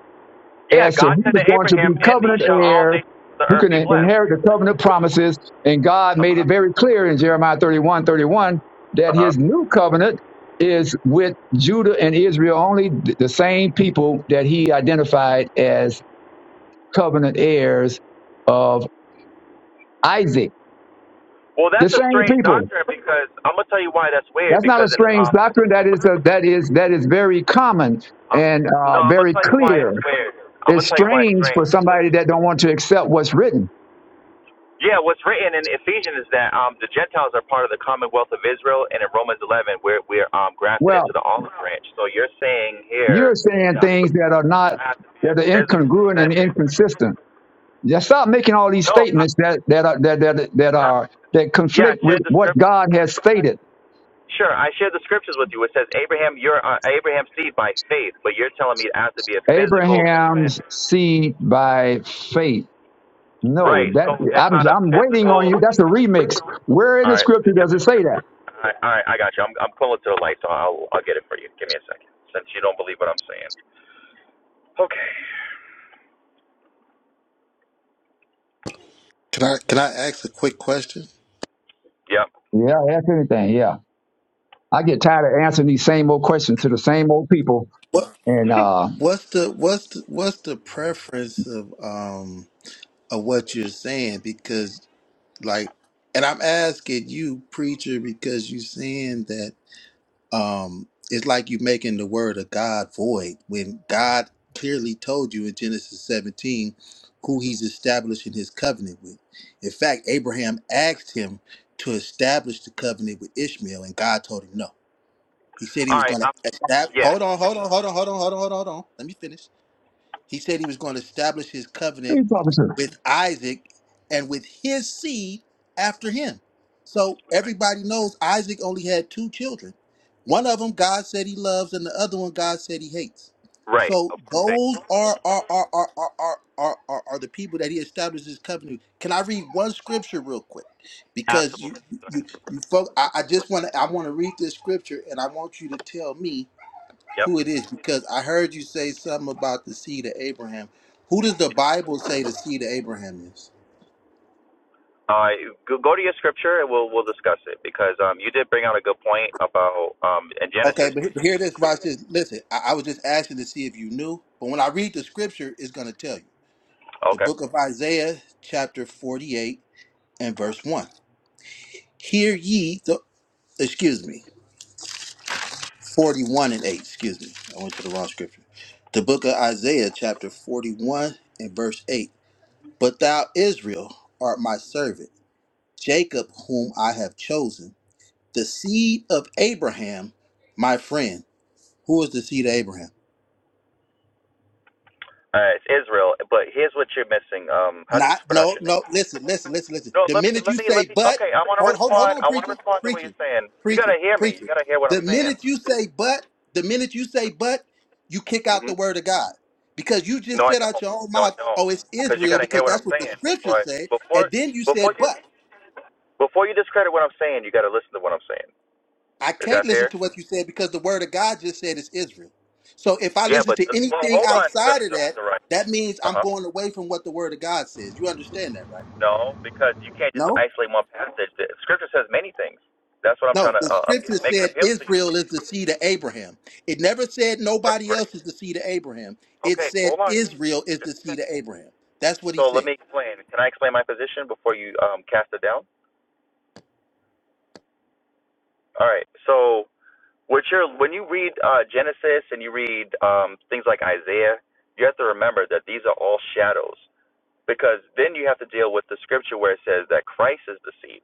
S4: yeah.
S6: as to
S4: God
S6: who
S4: said to
S6: is going to
S4: Abraham,
S6: be
S4: "And these
S6: covenant
S4: shall all
S6: heirs,
S4: nations of the
S6: who
S4: earth
S6: can
S4: be blessed."
S6: inherit the covenant promises, and God made it
S4: Uh-huh.
S6: very clear in Jeremiah 31 31 that
S4: Uh-huh.
S6: His new covenant is with Judah and Israel only, th- the same people that He identified as covenant heirs of Isaac,
S4: Well,
S6: the
S4: that's a
S6: same
S4: strange
S6: people.
S4: doctrine because I'm gonna tell you why that's weird.
S6: That's not a
S4: Because in
S6: strange
S4: um,
S6: doctrine. That is a, that is that is very common
S4: uh,
S6: and
S4: no,
S6: uh,
S4: I'm gonna
S6: very
S4: tell you why it's
S6: clear.
S4: weird. I'm
S6: It's
S4: gonna tell you why it's
S6: strange
S4: strange.
S6: for
S4: Because
S6: somebody that don't want to accept what's written.
S4: yeah, what's written in Ephesians is that um the Gentiles are part of the commonwealth of Israel, and in Romans 11 we're we're um grafted
S6: Well,
S4: into the olive branch. So you're saying here
S6: you're saying
S4: that
S6: things that are not
S4: I have to be a
S6: that are
S4: physical
S6: incongruent and
S4: descendant.
S6: inconsistent. Just stop making all these
S4: No, I,
S6: statements that that are that that, that
S4: I,
S6: are that
S4: yeah, I
S6: conflict with
S4: shared the
S6: what
S4: script.
S6: God has stated.
S4: Sure, I shared the scriptures with you. It says Abraham, you're uh, Abraham's seed by faith, but you're telling me I have to be a physical
S6: Abraham's seed by faith. No,
S4: Right.
S6: that
S4: So it's
S6: I'm
S4: not a
S6: I'm waiting on
S4: physical.
S6: you. That's a remix. Where in
S4: All
S6: the
S4: right. All
S6: scripture does it say that?
S4: right. All right I got you. I'm I'm pulling to the light, so I'll I'll get it for you. Give me a second, since you don't believe what I'm saying. Okay.
S8: Can I can I ask a quick question?
S4: Yep.
S6: Yeah, that's anything. Yeah. I get tired of answering these same old questions to the same old people.
S8: What
S6: And uh,
S8: what's the what's the, what's the preference of um of what you're saying? Because like, and I'm asking you, preacher, because you're saying that um it's like you're making the word of God void when God clearly told you in Genesis 17 who He's establishing His covenant with. In fact, Abraham asked him to establish the covenant with Ishmael, and God told him no. He said he
S4: All
S8: was
S4: right.
S8: going to
S4: Um,
S8: establish.
S4: yeah.
S8: Hold on, hold on, hold on, hold on, hold on, hold on, hold on. Let me finish. He said he was going to establish his covenant
S6: what are you talking to?
S8: with Isaac and with his seed after him. So
S4: Right.
S8: everybody knows Isaac only had two children. One of them God said he loves, and the other one God said he hates.
S4: Right.
S8: So
S4: perfect.
S8: those are are are are are are, are, are, are the people that he established his covenant. with. Can I read one scripture real quick? Because you
S4: Absolutely.
S8: you, you folk, I, I just want to I want to read this scripture, and I want you to tell me
S4: Yep.
S8: who it is because I heard you say something about the seed of Abraham. Who does the Bible say the seed of Abraham is?
S4: Uh, go, go to your scripture and we'll we'll discuss it because um you did bring out a good point about um in
S8: Okay,
S4: Genesis.
S8: but, he- but here it is, Ross. Just listen. I, I was just asking to see if you knew, but when I read the scripture, it's going to tell you. The
S4: Okay.
S8: book of Isaiah, chapter forty-eight and verse one. Hear ye the excuse me, forty-one and eight. Excuse me, I went to the wrong scripture. The book of Isaiah, chapter forty-one and verse eight. But thou, Israel, art my servant, Jacob, whom I have chosen The seed of Abraham, my friend. Who is the seed of Abraham?
S4: All right. It's Israel, but here's what you're missing. Um, how do you
S8: Not
S4: pronounce
S8: no
S4: your name?
S8: no. Listen listen listen listen.
S4: No,
S8: The
S4: let me,
S8: minute
S4: let
S8: you
S4: me,
S8: say
S4: let me.
S8: but,
S4: Okay, I want to
S8: hold hold hold
S4: respond.
S8: on,
S4: I want to
S8: preacher
S4: respond to what
S8: preacher
S4: you're saying. You
S8: preacher
S4: gotta hear me. You
S8: preacher.
S4: gotta hear what
S8: The
S4: I'm saying.
S8: minute you say but, the minute you say but, you kick out the
S4: hmm
S8: word of God. Because you just
S4: No, I
S8: said out
S4: don't.
S8: your own
S4: No, I
S8: mouth,
S4: don't.
S8: oh, it's
S4: Because you
S8: Israel,
S4: gotta hear
S8: because
S4: what I'm
S8: that's what the
S4: saying
S8: scriptures
S4: before, I,
S8: say.
S4: before,
S8: And then you
S4: before
S8: said,
S4: you,
S8: but.
S4: before you discredit what I'm saying. You gotta listen to what I'm saying.
S8: I
S4: Is
S8: can't
S4: that
S8: listen to
S4: fair?
S8: what you said because the word of God just said it's Israel. So if I
S4: Yeah,
S8: listen
S4: but
S8: to
S4: uh, well,
S8: anything
S4: hold on, the,
S8: outside of
S4: the,
S8: that,
S4: the right.
S8: that means I'm
S4: Uh huh.
S8: going away from what the word of God says. You understand that, right?
S4: No, because you can't just
S8: No?
S4: isolate one passage. The scripture says many things. That's what I'm
S8: No,
S4: trying to
S8: the
S4: uh,
S8: scripture
S4: appeal, make an
S8: said
S4: appeal to you.
S8: Israel is the seed of Abraham. It never said nobody
S4: Great.
S8: else is the seed of Abraham. It
S4: Okay,
S8: said
S4: hold on.
S8: Israel is the
S4: Just
S8: seed of Abraham. That's what he
S4: So let
S8: said.
S4: me explain. Can I explain my position before you um, cast it down? All right. So what you're, when you read uh, Genesis and you read um, things like Isaiah, you have to remember that these are all shadows because then you have to deal with the scripture where it says that Christ is the seed.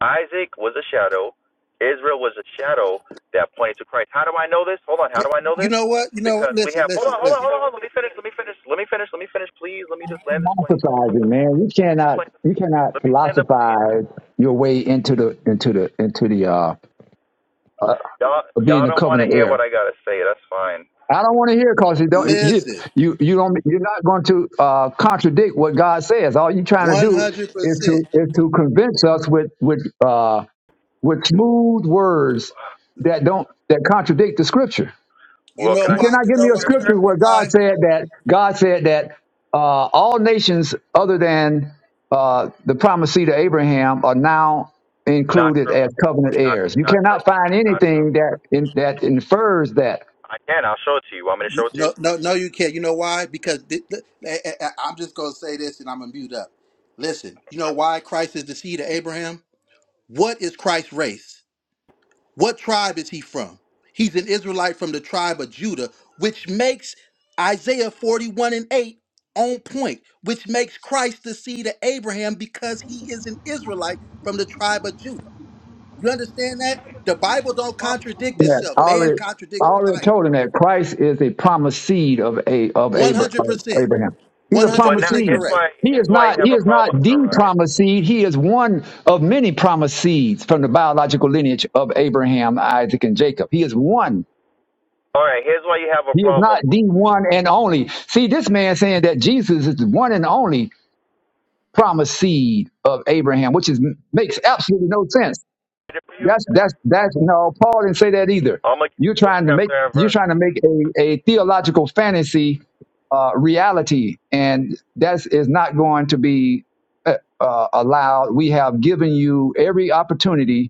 S4: Isaac was a shadow. Israel was a shadow that pointed to Christ. How do I know this? Hold on. How do I know
S8: You
S4: this?
S8: know what? You know what?
S4: Because we
S8: Listen,
S4: have. Hold
S8: listen,
S4: on. Hold on.
S8: listen,
S4: Hold on. Hold on. Let me finish. Let me finish. Let me finish. Let me finish. Please. Let me just land this plane.
S6: Philosophizing, man. You
S4: plane.
S6: cannot, you cannot
S4: Let me land the plane.
S6: philosophize your way into the, into the, into the uh, uh
S4: Y'all,
S6: being
S4: y'all
S6: a
S4: don't want to
S6: covenant
S4: hear
S6: heir.
S4: what I gotta say. That's fine.
S6: I don't want to hear because you don't, you,
S8: listen.
S6: you, you don't, you're not going to uh, contradict what God says. All you're trying to do is
S8: 100%.
S6: to, is to convince us with, with, uh, with smooth words that don't, that contradict the scripture.
S8: You
S4: Well,
S8: know
S4: can
S6: You
S4: I?
S8: why?
S4: give
S6: cannot
S4: you-
S8: You
S4: this?
S6: give me
S8: know
S6: a
S8: why? You know,
S6: scripture
S8: you know
S6: where
S8: why?
S6: God said that God said that uh, all nations other than uh, the promised seed of Abraham are now
S4: Not
S6: included
S4: true.
S6: as covenant
S4: Not,
S6: heirs. You
S4: not
S6: cannot
S4: true.
S6: find
S4: Not true.
S6: anything that in, that infers that.
S4: I can. I'll show it to you. Want me to
S8: You-
S4: show it to
S8: No,
S4: you?
S8: no, no, you can't. You know why? Because th- th- I, am just going to say this and I'm going to mute up. Listen, you know why Christ is the seed of Abraham? What is Christ's race? What tribe is he from? He's an Israelite from the tribe of Judah, which makes Isaiah 41 and 8 on point, which makes Christ the seed of Abraham because he is an Israelite from the tribe of Judah. You understand that? The Bible don't contradict
S6: that.
S8: itself.
S6: I
S8: Man
S6: already, I
S8: contradicts the
S6: already
S8: Bible.
S6: told him that Christ is a promised seed of a of Abra- of
S8: 100%.
S6: Abraham. He's a
S4: But
S6: promised
S4: now,
S8: 100%
S6: seed.
S4: here's
S8: correct.
S4: why.
S6: He
S4: Here's
S6: is
S4: why you
S6: not.
S4: have
S6: He
S4: a
S6: is not
S4: problem, all
S6: the
S4: right.
S6: promised seed. He is one of many promised seeds from the biological lineage of Abraham, Isaac, and Jacob. He is one.
S4: All right. Here's why you have a
S6: He is not
S4: problem.
S6: the one and only. See, this man saying that Jesus is the one and only promised seed of Abraham, which is makes absolutely no sense.
S4: Read it for you.
S6: That's that's that's no. Paul didn't say that either.
S4: I'm gonna give
S6: You're
S4: you book,
S6: trying to make
S4: chapter, and
S6: you're
S4: verse.
S6: trying to make a, a theological fantasy uh, reality, and that is not going to be uh, uh, allowed. We have given you every opportunity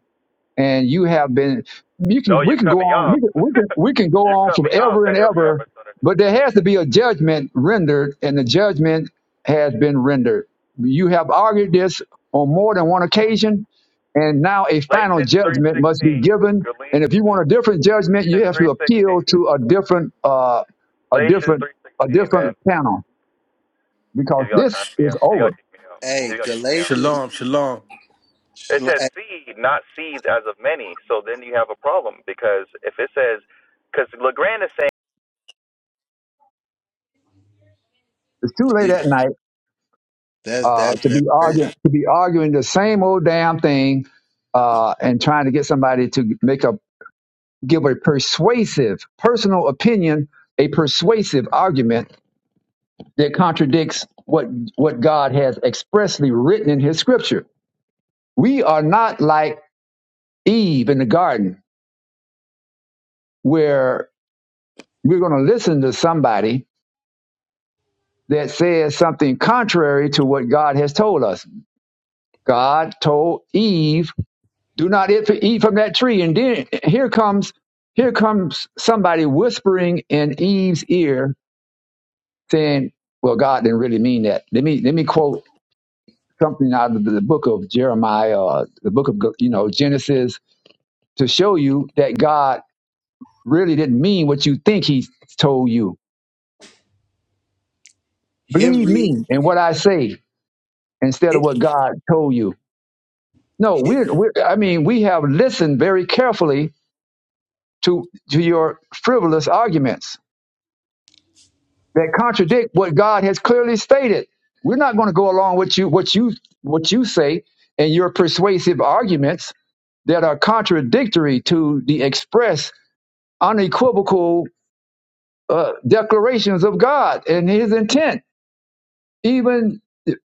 S6: and you have been you can
S4: No, you
S6: we can
S4: cut
S6: go
S4: me
S6: on
S4: off.
S6: we can, we can we can go
S4: you
S6: on
S4: cut
S6: from
S4: me off
S6: ever and
S4: at every
S6: ever
S4: opportunity.
S6: but there has to be a judgment rendered and the judgment has been rendered you have argued this on more than one occasion and now a final
S4: Galatians
S6: judgment must be
S4: 3:16.
S6: given and if
S4: Galatians
S6: you want a different judgment you have to
S4: 3:16.
S6: appeal to a different uh a
S4: Galatians
S6: different a
S4: 3:16. Man,
S6: different panel because
S4: he's gonna
S6: this
S4: cuss me
S6: is
S4: out. He's
S6: over
S4: gonna kick me out.
S8: Hey,
S4: He's gonna kick me out.
S8: Galatians.
S9: Shalom, shalom.
S4: It
S8: Shlo-
S4: says
S8: hey,
S4: seed, not seeds as of many. So then you have a problem because if it says, because Legrand is saying
S6: it's too late at
S8: Jesus,
S6: night
S8: that's
S6: uh,
S8: that's
S6: to
S8: that's
S6: be
S8: crazy.
S6: arguing to be arguing the same old damn thing uh, and trying to get somebody to make a give a persuasive personal opinion, a persuasive argument that contradicts what what God has expressly written in His Scripture. We are not like Eve in the garden, where we're going to listen to somebody that says something contrary to what God has told us. God told Eve do not eat from that tree. And then here comes here comes somebody whispering in Eve's ear, saying, "Well, God didn't really mean that." Let me let me quote something out of the book of Jeremiah, or the book of you know Genesis, to show you that God really didn't mean what you think He told you.
S8: Him
S6: Believe
S8: read.
S6: me in what I say instead of
S8: It,
S6: what God told you. No,
S8: it,
S6: we're, we're I mean, we have listened very carefully to to your frivolous arguments that contradict what God has clearly stated. We're not going to go along with you what you what you say and your persuasive arguments that are contradictory to the express, unequivocal uh, declarations of God and His intent. Even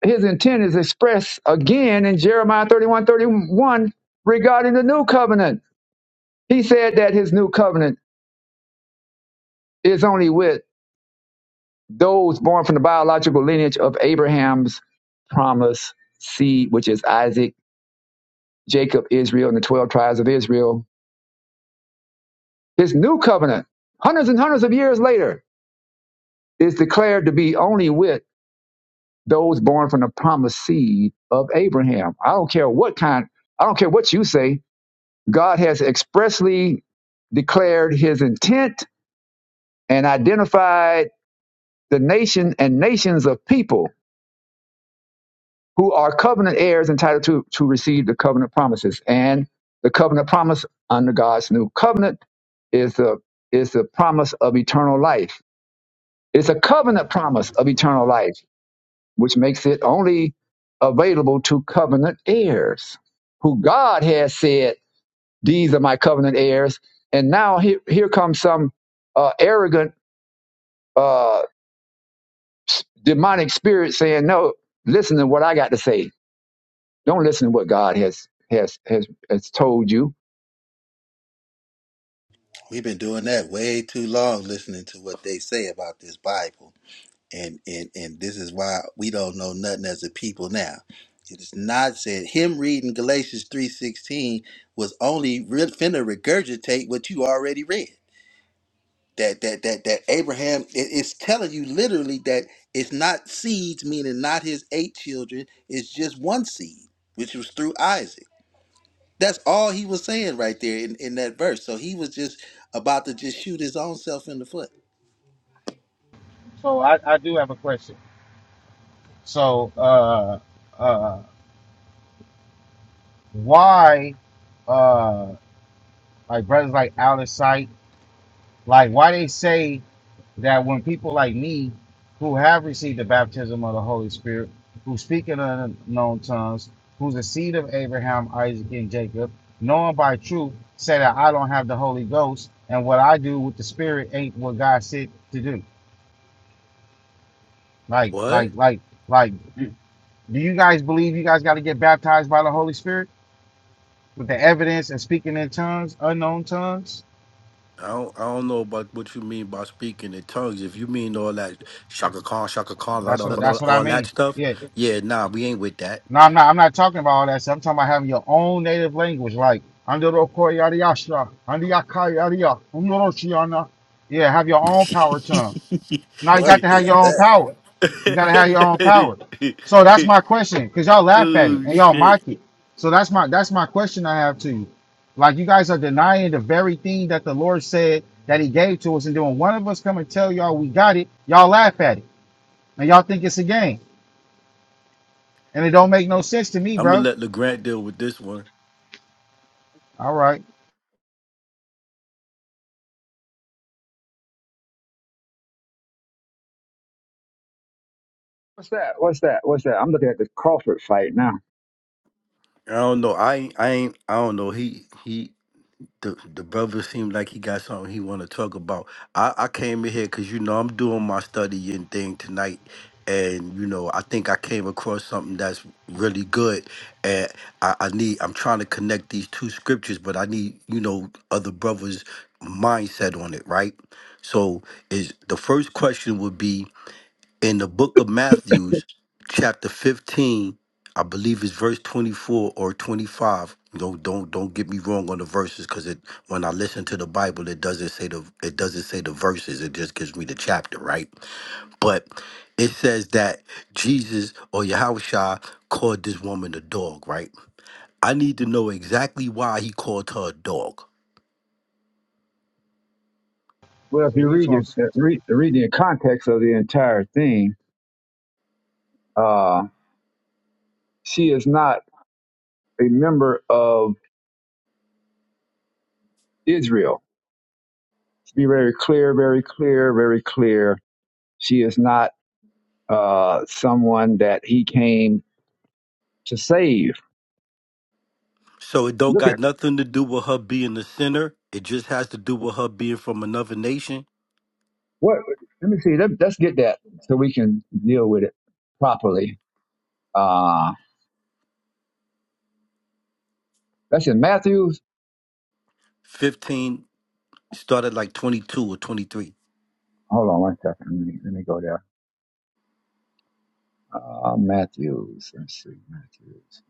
S6: His intent is expressed again in Jeremiah 31 31 regarding the new covenant. He said that His new covenant is only with Those born from the biological lineage of Abraham's promised seed, which is Isaac, Jacob, Israel, and the 12 tribes of Israel. His new covenant, hundreds and hundreds of years later, is declared to be only with those born from the promised seed of Abraham. I don't care what kind, I don't care what you say. God has expressly declared his intent and identified the nation and nations of people who are covenant heirs entitled to, to receive the covenant promises. And the covenant promise under God's new covenant is the is the promise of eternal life. It's a covenant promise of eternal life, which makes it only available to covenant heirs, who God has said, "These are my covenant heirs." And now here, here comes some uh, arrogant uh, s- demonic spirit saying, "No, listen to what I got to say." Don't listen to what God has has has has told you.
S8: we've been doing that way too long, listening to what they say about this Bible, and and and this is why we don't know nothing as a people now. It is not said. Him reading Galatians three sixteen was only re- finna regurgitate what you already read. that that that that Abraham it- it's telling you literally that it's not seeds, meaning not his eight children. It's just one seed, which was through Isaac. That's all he was saying right there in, in that verse. So he was just about to just shoot his own self in the foot.
S3: So I, I do have a question. So uh, uh, why uh, like brothers like Alice Sight, like why they say that when people like me who have received the baptism of the Holy Spirit, who speak in unknown tongues, who's the seed of Abraham, Isaac, and Jacob, knowing by truth, say that I don't have the Holy Ghost, and what I do with the Spirit ain't what God said to do. Like,
S9: What?
S3: like, like, like, do you guys believe you guys got to get baptized by the Holy Spirit with the evidence and speaking in tongues, unknown tongues?
S9: I don't, I don't know about what you mean by speaking in tongues. If you mean all that shaka khan, shaka khan, la,
S3: That's
S9: la, la,
S3: what
S9: la,
S3: that's what I
S9: all that
S3: mean.
S9: stuff,
S3: Yeah,
S9: yeah, nah, we ain't with that.
S3: No, I'm not. I'm not talking about all that stuff. I'm talking about having your own native language, like Andoroko Yadiashra, Andiaka Yadia, Umnoroshiana. Yeah, have your own power tongue. Now you
S8: What
S3: got to have
S8: is
S3: your own
S8: that?
S3: power. You got to have your own power. So that's my question, cause y'all laugh at it
S9: oh
S3: and y'all
S9: shit!
S3: mock it. So that's my that's my question I have to you. Like you guys are denying the very thing that the Lord said that He gave to us, and then when one of us come and tell y'all we got it, y'all laugh at it and y'all think it's a game, and it don't make no sense to me,
S9: I'm gonna
S3: bro.
S9: let Legrand deal with this one.
S3: All right.
S6: What's that? What's that? What's that? I'm looking at the Crawford fight now.
S9: I don't know. I ain't. I ain't. I don't know. He. He. the the brother seemed like he got something he want to talk about. I, I came in here because you know I'm doing my studying thing tonight, and you know I think I came across something that's really good, and I, I need I'm trying to connect these two scriptures, but I need you know other brothers' mindset on it, right? So is the first question would be in the book of Matthews, chapter 15, I believe it's verse 24 or 25. Don't don't don't get me wrong on the verses because it when I listen to the Bible, it doesn't say the it doesn't say the verses, it just gives me the chapter, right? But it says that Jesus or Yahushua called this woman a dog, right? I need to know exactly why he called her a dog.
S6: Well, if
S3: So
S6: you
S3: he's
S6: read
S3: going
S6: the uh,
S3: to,
S6: read, read the context of the entire thing, uh, she is not a member of Israel. To be very clear, very clear, very clear, she is not uh, someone that he came to save.
S9: So it don't
S6: Look
S9: got
S6: at
S9: nothing to do with her being a sinner. It just has to do with her being from another nation.
S6: what. Let me see. Let, let's get that so we can deal with it properly. Uh, that's in Matthew.
S9: 15 started like 22 or 23.
S6: Hold on one second. Let me, let me go there. Uh, Matthews. Let's see. Matthews.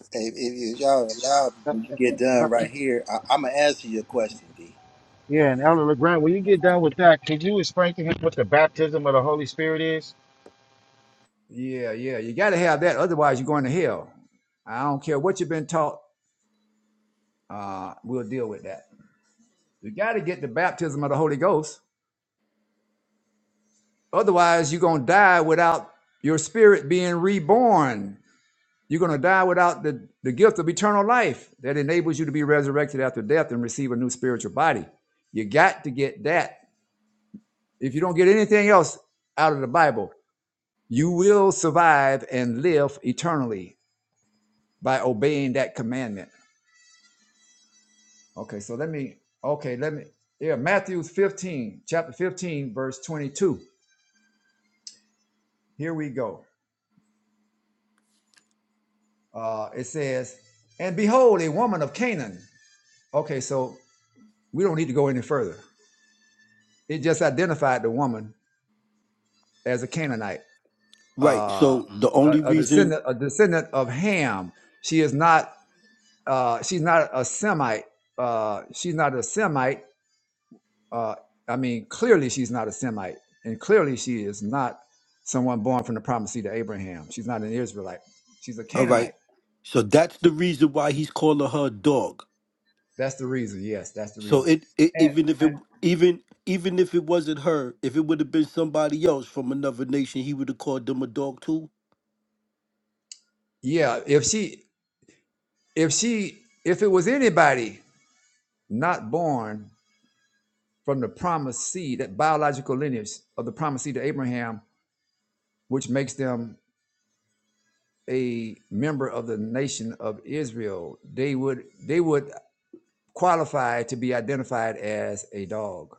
S8: If, if, if y'all allow me to get done right here, I, I'm gonna answer your question, D.
S3: yeah, and Elder LeGrand, when you get done with that, could you explain to him what the baptism of the Holy Spirit is?
S6: Yeah, yeah. You got to have that. Otherwise, you're going to hell. I don't care what you've been taught. Uh, we'll deal with that. You got to get the baptism of the Holy Ghost. Otherwise, you're going to die without your spirit being reborn. You're going to die without the, the gift of eternal life that enables you to be resurrected after death and receive a new spiritual body. You got to get that. If you don't get anything else out of the Bible, You will survive and live eternally by obeying that commandment. Okay, so let me, okay, let me, yeah, Matthew 15, chapter 15, verse 22. Here we go. Uh, it says, And behold, a woman of Canaan. Okay, so we don't need to go any further. It just identified the woman as a Canaanite,
S9: Right.
S6: uh,
S9: So hmm the
S6: a,
S9: only
S6: a
S9: reason,
S6: descendant, a descendant of Ham. She is not, uh, she's not a Semite. Uh, she's not a Semite Uh, I mean, clearly she's not a Semite, and clearly she is not someone born from the promised seed of Abraham. She's not an Israelite. She's a
S9: all right.
S6: Canaanite.
S9: So that's the reason why he's calling her a dog.
S6: That's the reason. Yes, that's the
S9: So
S6: reason.
S9: it, it
S6: And,
S9: even if it
S6: and
S9: even even if it wasn't her, if it would have been somebody else from another nation, he would have called them a dog too.
S6: yeah, if she, if she, if it was anybody not born from the promised seed, that biological lineage of the promised seed of Abraham, which makes them a member of the nation of Israel, they would they would qualify to be identified as a dog.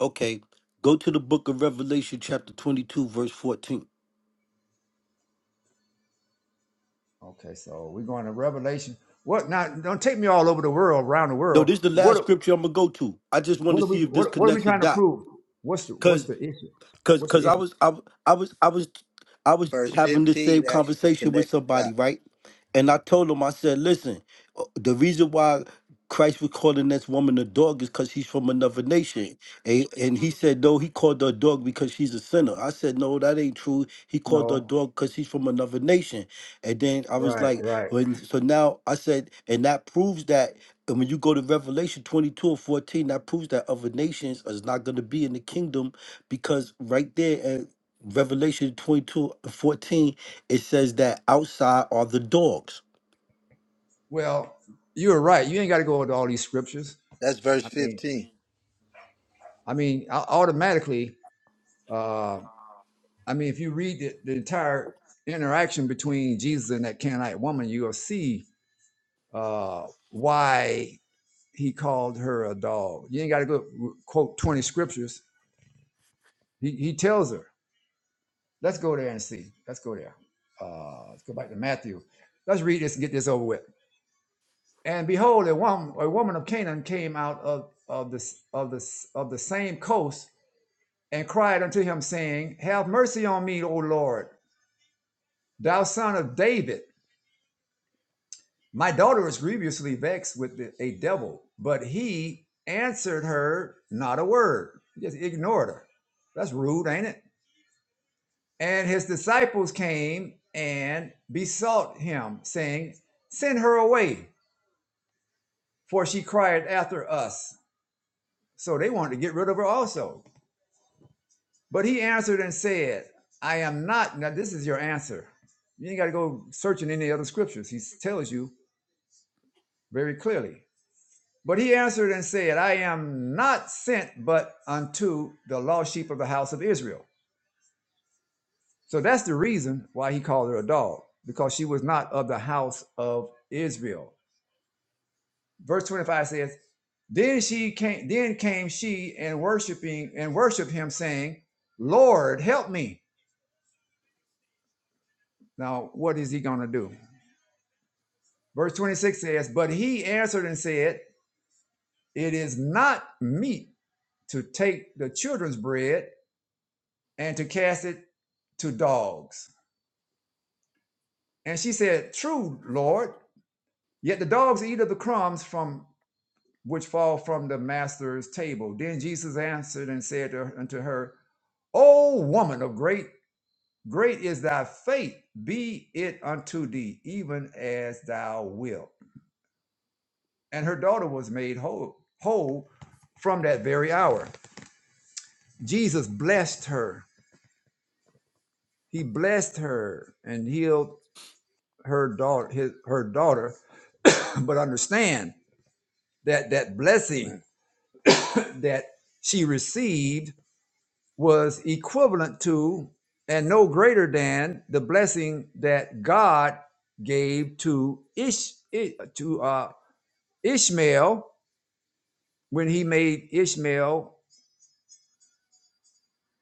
S9: Okay. Go to the book of Revelation chapter 22 verse 14.
S6: Okay, so we're going to Revelation. What now? Don't take me all over the world, around the
S9: No,
S6: world.
S9: this is the
S6: What
S9: last scripture I'm going to go to. I just want
S6: what
S9: to
S6: are we
S9: see if this
S6: what what are we
S9: connects a
S6: trying to
S9: dot.
S6: prove? What's the what's the issue?
S9: Cause,
S6: What's the
S9: cause I
S6: issue?
S9: was, I, I was, I was, I was
S8: Verse
S9: having the same
S8: 15 actually
S9: conversation with
S8: connects the
S9: somebody,
S8: dot.
S9: right? And I told him, I said, listen, uh, the reason why Christ was calling this woman a dog is because she's from another nation. And, and he said, no, he called her a dog because she's a sinner. I said, no, that ain't true. He called her a
S6: No,
S9: dog because she's from another nation. And then I was
S6: right,
S9: like,
S6: right.
S9: when, so now I said, and that proves that and when you go to Revelation 22 and 14, that proves that other nations is not going to be in the kingdom because right there at Revelation 22 and 14, it says that outside are the dogs.
S6: Well, you're right. You ain't got to go into all these scriptures.
S8: That's verse
S6: I mean,
S8: 15.
S6: I mean, au- automatically. Uh, I mean, if you read the, the entire interaction between Jesus and that Canaanite woman, you'll see uh, why he called her a dog. You ain't got to go quote twenty scriptures He, he tells her, let's go there and see. Let's go there. Uh, let's go back to Matthew. Let's read this and get this over with. And behold, a woman, a woman of Canaan came out of, of, the, of, the, of the same coast and cried unto him, saying, Have mercy on me, O Lord, thou son of David. My daughter is grievously vexed with a devil. But he answered her not a word. He just ignored her. That's rude, ain't it? And his disciples came and besought him, saying, Send her away, for she cried after us. So they wanted to get rid of her also. But he answered and said, I am not. Now, this is your answer. You ain't got to go searching any other scriptures. He tells you very clearly. But he answered and said, I am not sent but unto the lost sheep of the house of Israel. So that's the reason why he called her a dog, because she was not of the house of Israel. verse 25 says, Then she came, then came she and worshiping and worshiped him, saying, Lord, help me. Now, what is he gonna do? Verse 26 says, But he answered and said, It is not meet to take the children's bread and to cast it to dogs. And she said, True, Lord, yet the dogs eat of the crumbs from which fall from the master's table. Then Jesus answered and said to her, unto her, O woman of great Great is thy faith, be it unto thee, even as thou wilt. And her daughter was made whole, whole from that very hour. Jesus blessed her. He blessed her and healed her daughter, his, her daughter. But understand that that blessing that she received was equivalent to and no greater than the blessing that God gave to Ish, to uh, Ishmael, when he made Ishmael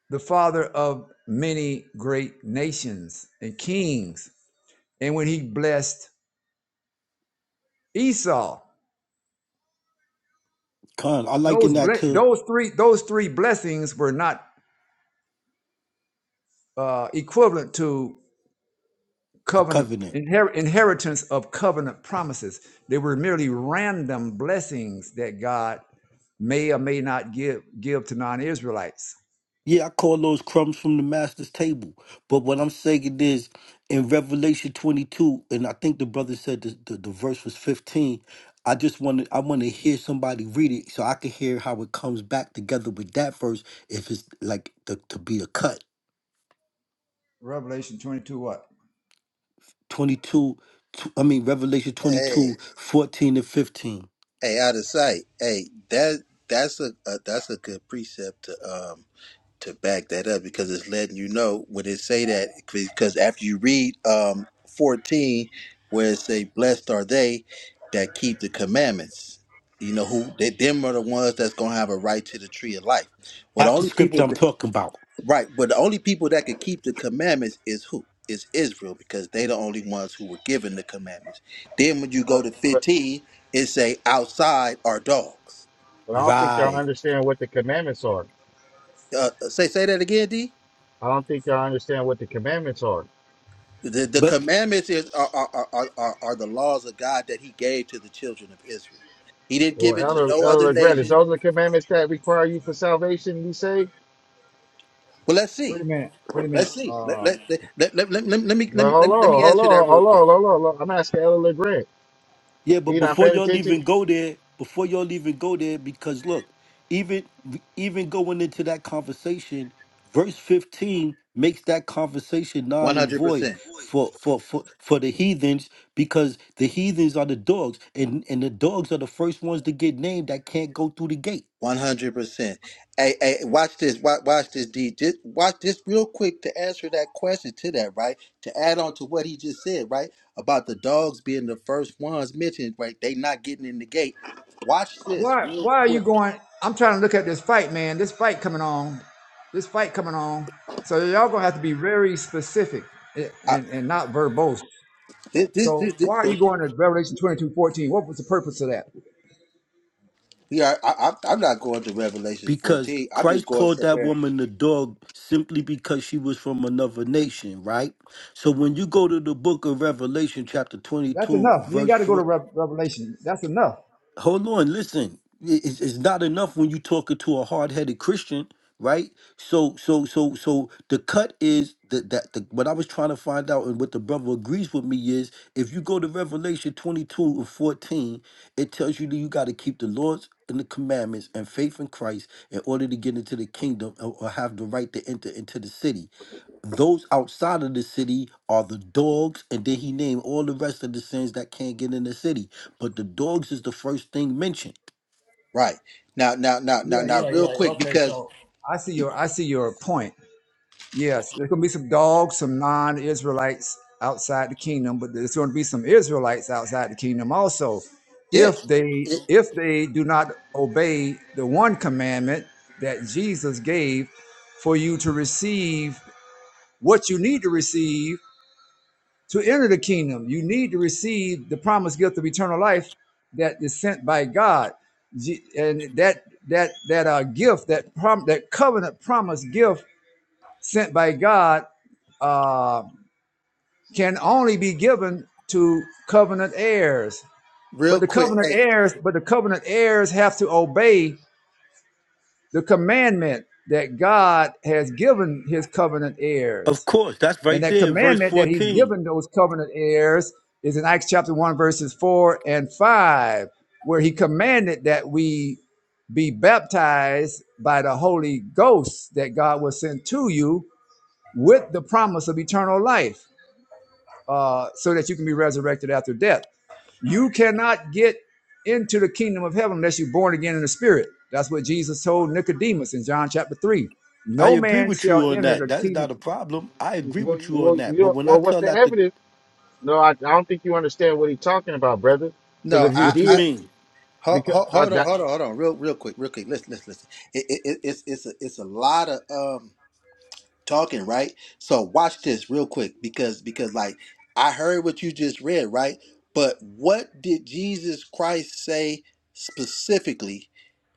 S6: the father of many great nations and kings, and when he blessed Esau,
S9: Con, I liken
S6: those
S9: that
S6: ble-
S9: to
S6: those three those three blessings were not uh, equivalent to
S9: the
S6: covenant
S9: covenant.
S6: inher- inheritance of covenant promises. They were merely random blessings that God may or may not give give to non-Israelites.
S9: Yeah, I call those crumbs from the master's table. But what I'm saying is in Revelation 22, and I think the brother said the, the, the verse was 15. I just want to I want to hear somebody read it so I can hear how it comes back together with that verse if it's like the, to be a cut.
S6: Revelation twenty two. What?
S9: 22, tw- I mean, Revelation
S8: Hey.
S9: 22, 14 and 15.
S8: Hey, out of sight. Hey, that that's a, a that's a good precept to um to back that up because it's letting you know when it say that because after you read um fourteen where it say blessed are they that keep the commandments. You know who they them are the ones that's gonna have a right to the tree of life. Well, the
S9: That's the
S8: only
S9: scripture
S8: people
S9: I'm talking about.
S8: Right, but the only people that could keep the commandments is who? Is Israel because they the only ones who were given the commandments. Then when you go
S3: But,
S8: to
S3: but,
S8: 15, it say outside are dogs.
S3: but I don't think y'all
S9: Right.
S3: understand what the commandments are.
S8: Uh, uh, say say that again, D.
S3: I don't think y'all understand what the commandments are.
S8: The the
S9: But
S8: commandments is are are, are are are are the laws of God that He gave to the children of Israel. He didn't give
S3: Well,
S8: it to
S3: Elder,
S8: no other
S3: Elder LeGrand, is
S8: nation.
S3: those the commandments that require you for salvation, you say?
S8: Well, let's
S6: Wait
S8: see.
S6: a minute. Wait a minute.
S8: Let's see. Let
S6: Uh,
S8: let let let, let, let, let me let
S3: Well,
S8: me let
S3: hold
S8: me let me
S3: on, hold
S8: answer that
S3: on,
S8: real
S3: hold on,
S8: quick.
S3: hold on. Hold on. I'm asking Elder LeGrand.
S9: yeah, but
S3: He not
S9: before
S3: paying
S9: y'all
S3: attention?
S9: even go there, before y'all even go there, because look, even even going into that conversation, verse 15 makes that conversation non
S8: One
S9: and
S8: hundred
S9: void
S8: percent.
S9: for for for, for the heathens because the heathens are the dogs and and the dogs are the first ones to get named that can't go through the gate
S8: One hundred percent. Hey, hey, watch this. Watch, watch this, D. Just watch this real quick to answer that question to that, right? To add on to what he just said, right? About the dogs being the first ones mentioned, right? They not getting in the gate. Watch this
S6: Why
S8: real
S6: why are you
S8: quick.
S6: going? I'm trying to look at this fight, man. This fight coming on. This fight coming on. So y'all gonna have to be very specific and,
S8: I,
S6: and, not verbose.
S8: this, this,
S6: So
S8: this, this
S6: why are
S8: the,
S6: you going to Revelation 22:14? What was the purpose of that?
S8: yeah, I, I, I'm I'm not going to Revelations
S9: Because
S8: 14. I'm just
S9: Christ
S8: going
S9: called that
S8: somewhere,
S9: woman a dog simply because she was from another nation, right? So when you go to the book of Revelation, chapter
S6: That's
S9: 22,
S6: enough. You ain't
S9: verse
S6: got to go to
S9: 4
S6: Rev Revelation. That's enough.
S9: hold on, listen. It- It's, it's not enough when you talking to a hard headed Christian, right? So, so, so, so the cut is that that the, what I was trying to find out and what the brother agrees with me is if you go to Revelation twenty two and fourteen, it tells you that you got to keep the laws and the commandments and faith in Christ in order to get into the kingdom or, or have the right to enter into the city those outside of the city are the dogs and then he named all the rest of the sins that can't get in the city but the dogs is the first thing mentioned
S8: right? Now, now, now, now,
S6: Yeah,
S8: now,
S6: yeah,
S8: real
S6: yeah.
S8: quick
S6: Okay,
S8: because
S6: so I see your I see your point. Yes, there's going to be some dogs, some non Israelites outside the kingdom, but there's going to be some Israelites outside the kingdom also.
S8: yeah,
S6: If they
S8: it,
S6: if they do not obey the one commandment that Jesus gave for you to receive what you need to receive to enter the kingdom, you need to receive the promised gift of eternal life that is sent by God, Je- and that that that uh, gift that prom- that covenant promise gift sent by God uh, can only be given to covenant heirs.
S8: real
S6: But the
S8: quick.
S6: covenant
S8: Hey,
S6: heirs, but the covenant heirs have to obey the commandment that God has given his covenant
S9: of
S6: heirs.
S9: course that's
S6: And
S9: right
S6: that
S9: there in verse
S6: commandment that he's
S9: 14
S6: given those covenant heirs is in Acts chapter 1, verses 4 and 5, where he commanded that we be baptized by the Holy Ghost that God will send to you with the promise of eternal life. uh, so that you can be resurrected after death. You cannot get into the kingdom of heaven unless you're born again in the spirit. That's what Jesus told Nicodemus in John chapter three.
S9: i
S6: No
S9: agree
S6: man
S9: with
S6: shall
S9: you on
S6: enter
S9: that
S6: the
S9: that's
S6: kingdom.
S9: not a problem i agree
S3: Well,
S9: with
S3: you,
S9: you on
S3: well, you
S9: that but
S3: don't,
S9: when i
S3: well, what's
S9: tell
S3: the
S9: that to
S3: evidence? No, I, I don't think you understand what he's talking about, brother. Because
S8: no,
S3: if you
S9: what you
S8: I,
S3: did,
S9: mean
S8: Hold,
S3: because
S8: hold, hold on,
S3: I,
S8: hold on, hold on, real, real quick, real quick. Listen, listen, listen. It, it, it- it's, it's, a, it's a lot of um talking, right? So watch this real quick because, because like I heard what you just read, right? But what did Jesus Christ say specifically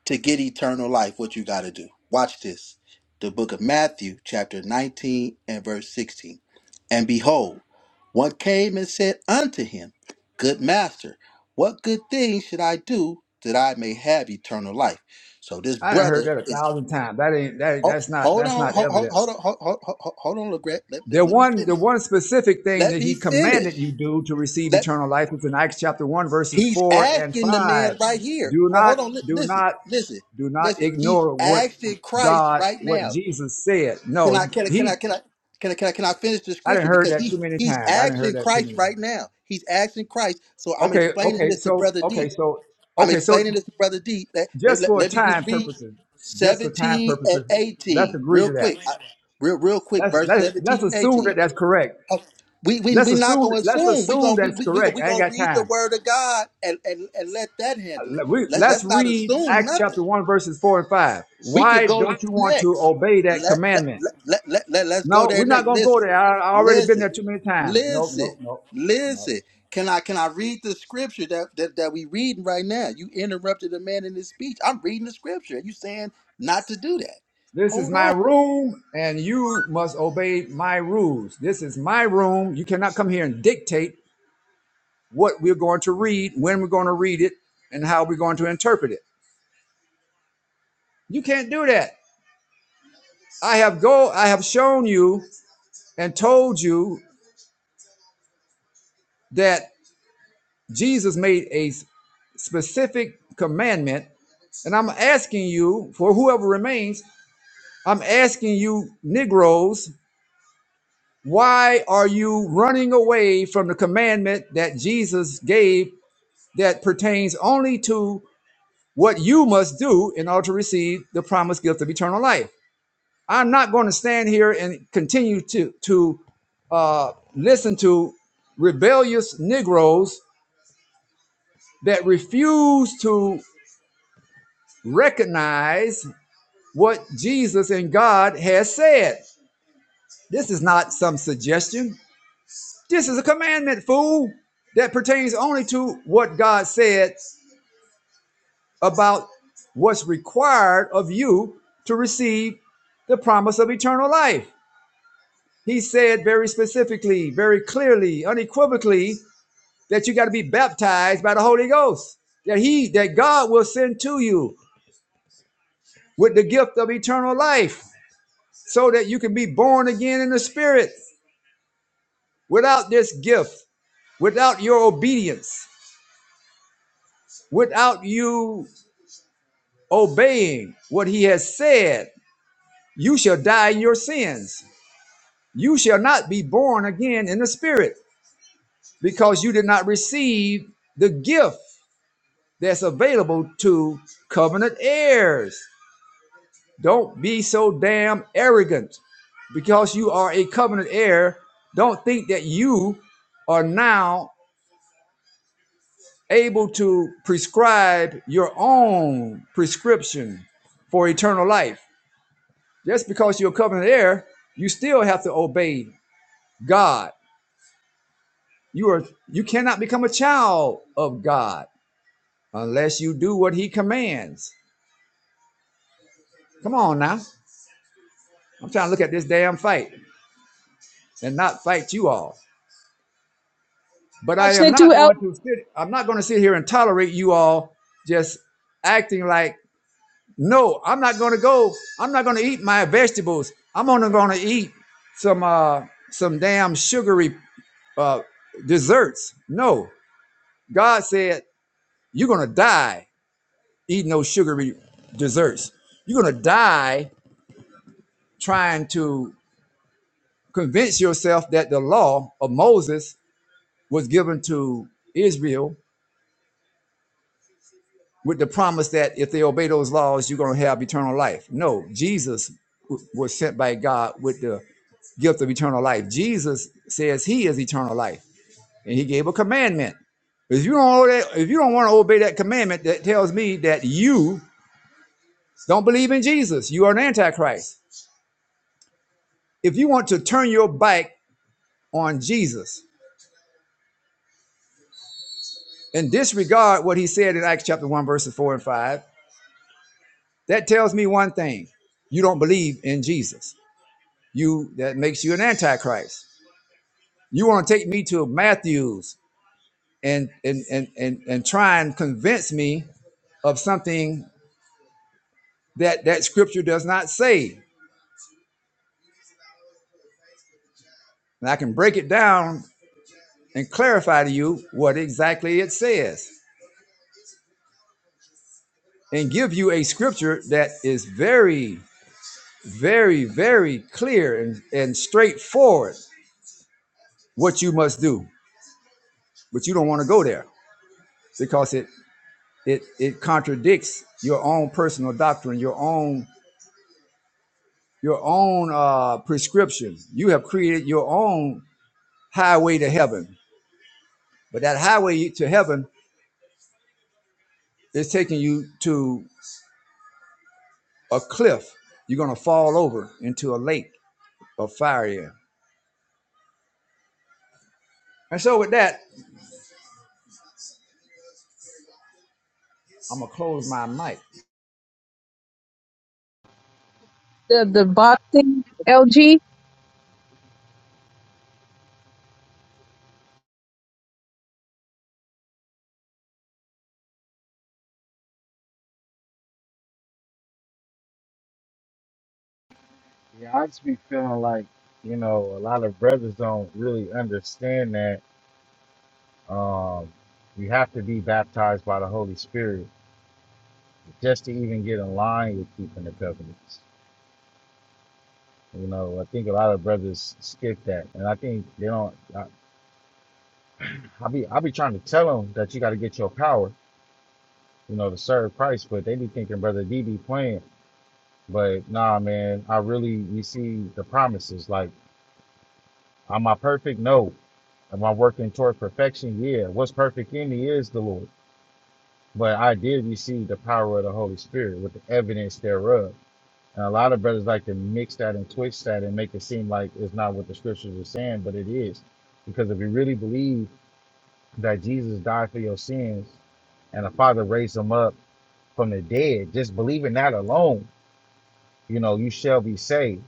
S8: to get eternal life, what you got to do. Watch this. The book of Matthew, chapter 19 and verse 16. And behold, one came and said unto him, Good master, what good thing should I do that I may have eternal life? So this
S6: I done heard
S8: brother
S6: that a
S8: is.
S6: thousand times. That ain't that,
S8: Oh,
S6: that's not
S8: hold
S6: that's
S8: on,
S6: not
S8: hold, hold,
S6: evidence.
S8: hold on, hold, hold, hold hold on, Legret. Let, let,
S6: The
S8: let me
S6: one the
S8: finish.
S6: one specific thing
S8: Let
S6: that
S8: me
S6: he commanded you
S8: finish.
S6: do to receive
S8: Let
S6: eternal life is in Acts chapter one, verses
S8: he's
S6: four and
S8: asking the man
S6: five.
S8: right here.
S6: Do
S8: Hold,
S6: not,
S8: hold on, li-
S6: do
S8: listen,
S6: not,
S8: listen,
S6: do not
S8: listen. He's
S6: ignore what
S8: asking Christ
S6: God,
S8: right
S6: what
S8: now.
S6: Jesus said.
S8: Can
S6: No,
S8: I can I can I
S6: he
S8: can I can I can I, can I finish the
S6: I didn't
S8: scripture
S6: heard
S8: because
S6: that
S8: he
S6: too many
S8: he's
S6: times. I didn't heard
S8: asking
S6: that too
S8: Christ
S6: many.
S8: right now. He's asking Christ. So I'm
S6: Okay,
S8: explaining
S6: okay,
S8: this to
S6: so
S8: brother
S6: okay,
S8: D.
S6: so
S8: I'm
S6: okay,
S8: explaining
S6: so
S8: this to brother D. Let, let,
S6: just
S8: let-
S6: for
S8: let me
S6: time
S8: just read
S6: purposes, just for time
S8: 17 and
S6: purposes, let's
S8: 18
S6: agree
S8: real
S6: to that.
S8: quick. I- real real quick
S6: Let's
S8: verse
S6: let's let's
S8: 17 and
S6: assume that
S8: 18.
S6: that's correct.
S8: Uh, We we
S6: Let's
S8: we not
S6: assume
S8: gonna
S6: let's
S8: assume. We
S6: assume
S8: gonna we
S6: that's
S8: we we gonna,
S6: correct.
S8: we
S6: I ain't
S8: gonna
S6: got
S8: read the
S6: time.
S8: word of God and, and, and let that
S6: Uh,
S8: handle it.
S6: let- We,
S8: Let,
S6: let's
S8: let's not
S6: read
S8: assume
S6: Acts
S8: nothing.
S6: chapter one verses four and five.
S8: We could
S6: Why
S8: go there
S6: don't you want to
S8: next.
S6: obey that
S8: Let let
S6: commandment?
S8: let let, let, let let's go
S6: No,
S8: there
S6: we're not
S8: next.
S6: gonna go
S8: Listen,
S6: there. I, I already been
S8: listen,
S6: there too many times. No,
S8: listen,
S6: no, no.
S8: listen. Can I can I read the scripture that, that that we reading right now? You interrupted a man in his speech. I'm reading the scripture. You saying not to do that?
S6: This is
S8: Hold on.
S6: my room, and you must obey my rules. This is my room. You cannot come here and dictate what we're going to read, when we're going to read it, and how we're going to interpret it. You can't do that. I have go I have shown you and told you that Jesus made a specific commandment, and I'm asking you for whoever remains, I'm asking you Negroes, why are you running away from the commandment that Jesus gave that pertains only to what you must do in order to receive the promised gift of eternal life. I'm not going to stand here and continue to to uh, listen to rebellious Negroes that refuse to recognize what Jesus and God has said. This is not some suggestion. This is a commandment, fool, that pertains only to what God said about what's required of you to receive the promise of eternal life. He said very specifically, very clearly, unequivocally that you got to be baptized by the Holy Ghost. That he that God will send to you with the gift of eternal life so that you can be born again in the spirit. Without this gift, without your obedience, without you obeying what he has said, you shall die in your sins. You shall not be born again in the spirit because you did not receive the gift that's available to covenant heirs. Don't be so damn arrogant because you are a covenant heir. Don't think that you are now able to prescribe your own prescription for eternal life. Just because you're a covenant heir, you still have to obey God You are you cannot become a child of God unless you do what he commands. Come on now. I'm trying to look at this damn fight and not fight you all. But I
S1: Watching
S6: am
S1: the two
S6: not
S1: L,
S6: going to sit I'm not going to sit here and tolerate you all just acting like no, I'm not going to go. I'm not going to eat my vegetables. I'm only going to eat some uh some damn sugary uh desserts. No. God said you're going to die Eating those sugary desserts. You're going to die trying to convince yourself that the law of Moses was given to Israel with the promise that if they obey those laws, you're going to have eternal life. No, Jesus was sent by God with the gift of eternal life. Jesus says he is eternal life, and he gave a commandment. If you don't obey, if you don't want to obey that commandment, that tells me that you don't believe in Jesus. You are an antichrist. If you want to turn your back on Jesus and disregard what he said in Acts chapter 1, verses 4 and 5, that tells me one thing. You don't believe in Jesus. You that makes you an antichrist. You want to take me to Matthews and and and and, and try and convince me of something that that scripture does not say. And I can break it down and clarify to you what exactly it says and give you a scripture that is very very, very clear and, and straightforward what you must do. But you don't want to go there because it it it contradicts your own personal doctrine, your own your own uh, prescription. You have created your own highway to heaven, but that highway to heaven is taking you to a cliff. You're gonna fall over into a lake of fire. Here. And so with that, I'm gonna close my mic.
S1: the, the boxing LG.
S3: Yeah, I just be feeling like, you know, a lot of brothers don't really understand that um, you have to be baptized by the Holy Spirit just to even get in line with keeping the covenants. You know, I think a lot of brothers skip that, and I think they don't. I, I be I be trying to tell them that you got to get your power, you know, to serve Christ, but they be thinking, brother, D be playing. But nah, man, I really we see the promises. Like Am I perfect? No. Am I working toward perfection? Yeah. What's perfect in me is the Lord. But I did receive the power of the Holy Spirit with the evidence thereof. And a lot of brothers like to mix that and twist that and make it seem like it's not what the scriptures are saying, but it is. Because if you really believe that Jesus died for your sins and the Father raised him up from the dead, just believing that alone, you know, you shall be saved.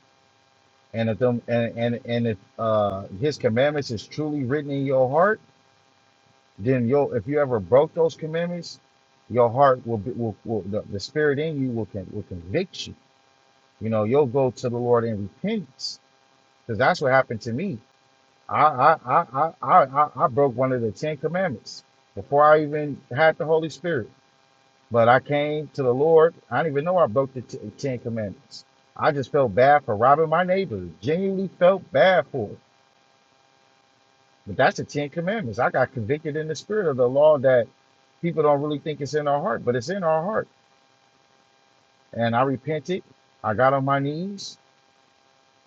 S3: And if them and and, and if uh his commandments is truly written in your heart then you'll if you ever broke those commandments, your heart will be will, will the, the spirit in you will can will convict you. You know, you'll go to the Lord in repentance. Because that's what happened to me. I I, I I I I broke one of the Ten Commandments before I even had the Holy Spirit. But I came to the Lord. I didn't even know I broke the t- Ten Commandments. I just felt bad for robbing my neighbor. Genuinely felt bad for it. But that's the Ten Commandments. I got convicted in the spirit of the law that people don't really think it's in our heart, but it's in our heart. And I repented. I got on my knees.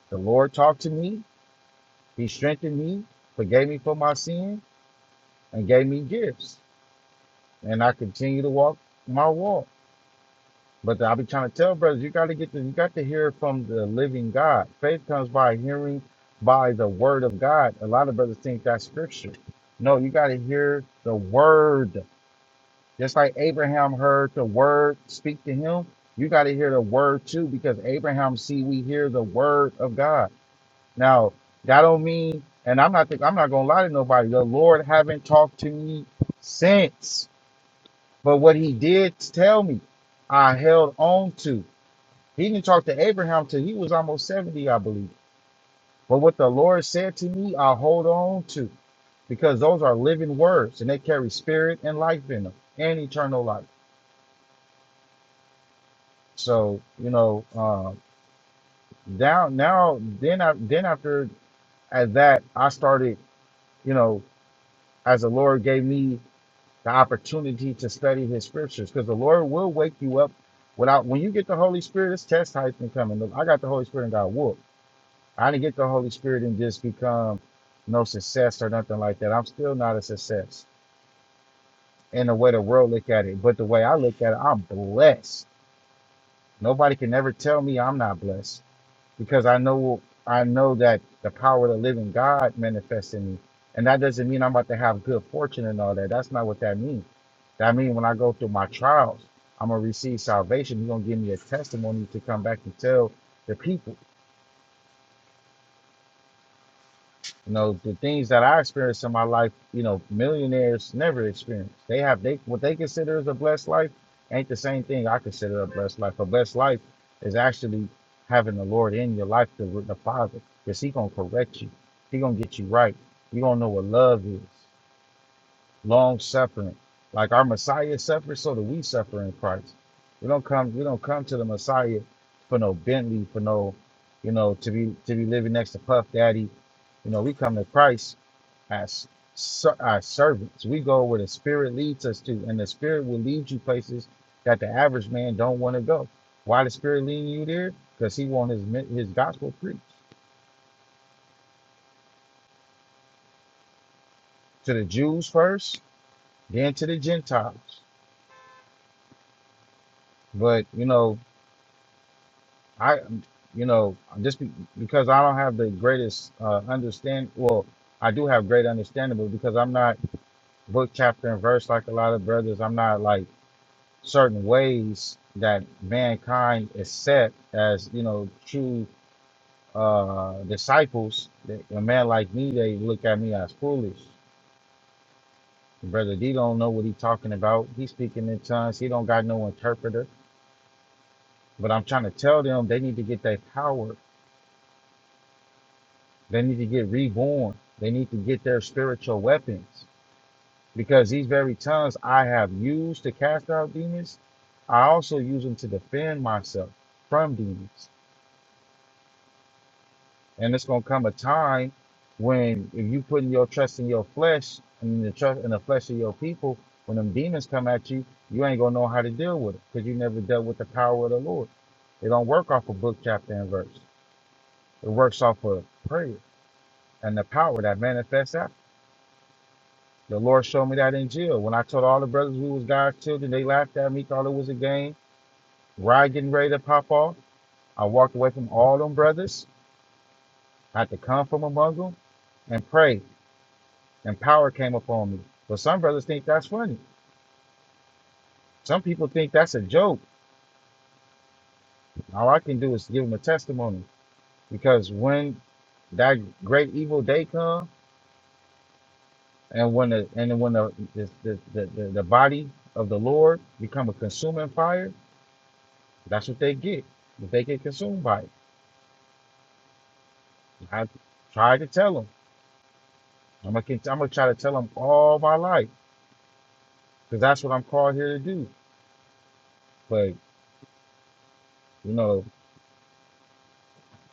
S3: The Lord talked to me. He strengthened me, forgave me for my sin, and gave me gifts. And I continue to walk my walk. But I'll be trying to tell brothers, you got to get the, you got to hear from the living God. Faith comes by hearing by the word of God. A lot of brothers think that's scripture. No, you got to hear the word. Just like Abraham heard the word speak to him, you got to hear the word too, because Abraham see we hear the word of God. Now that don't mean, and I'm not I'm not gonna lie to nobody. The Lord haven't talked to me since, but what He did tell me, I held on to. He didn't talk to Abraham till he was almost seventy, I believe. But what the Lord said to me, I hold on to, because those are living words, and they carry spirit and life in them, and eternal life. So you know, um, down now, then I, then after at that, I started, you know, as the Lord gave me the opportunity to study His scriptures, because the Lord will wake you up. Without when you get the Holy Spirit, it's test heights and coming. Look, I got the Holy Spirit and got whooped. I didn't get the Holy Spirit and just become no success or nothing like that. I'm still not a success in the way the world look at it, but the way I look at it, I'm blessed. Nobody can ever tell me I'm not blessed because I know I know that the power of the living God manifests in me. And that doesn't mean I'm about to have good fortune and all that. That's not what that means. That means when I go through my trials, I'm gonna receive salvation. He's gonna give me a testimony to come back and tell the people. You know, the things that I experienced in my life, you know, millionaires never experience. They have they what they consider as a blessed life ain't the same thing I consider a blessed life. A blessed life is actually having the Lord in your life, the, the Father, because He gonna correct you. He gonna get you right. You gonna know what love is long suffering. Like our Messiah suffered, so do we suffer in Christ. We don't come we don't come to the Messiah for no Bentley, for no, you know, to be to be living next to Puff Daddy. You know, we come to Christ as ser- as servants. We go where the Spirit leads us to, and the Spirit will lead you places that the average man don't want to go. Why the Spirit leading you there? Because He want His mi- His gospel preached to the Jews first, then to the Gentiles. But you know. I, you know, just be, because I don't have the greatest uh, understand. Well, I do have great understanding, but because I'm not book chapter and verse like a lot of brothers, I'm not like certain ways that mankind is set as you know true uh, disciples. That A man like me, they look at me as foolish. Brother D don't know what he talking about. He's speaking in tongues. He don't got no interpreter. But I'm trying to tell them they need to get that power They need to get reborn. They need to get their spiritual weapons because these very tongues I have used to cast out demons, I also use them to defend myself from demons. And it's gonna come a time when if you putting your trust in your flesh and the trust in the flesh of your people, when them demons come at you, you ain't gonna know how to deal with it because you never dealt with the power of the Lord. It don't work off a book, chapter, and verse. It works off of prayer and the power that manifests out. The Lord showed me that in jail. When I told all the brothers we was God's children, they laughed at me, thought it was a game. Riot getting ready to pop off. I walked away from all them brothers. I had to come from among them and pray. And power came upon me. But some brothers think that's funny. Some people think that's a joke. All I can do is give them a testimony. Because when that great evil day come and when the and when the the, the, the, the, the body of the Lord become a consuming fire, that's what they get. If they get consumed by it. I tried to tell him. I'm gonna, I'm gonna try to tell him all my life because that's what I'm called here to do. But you know,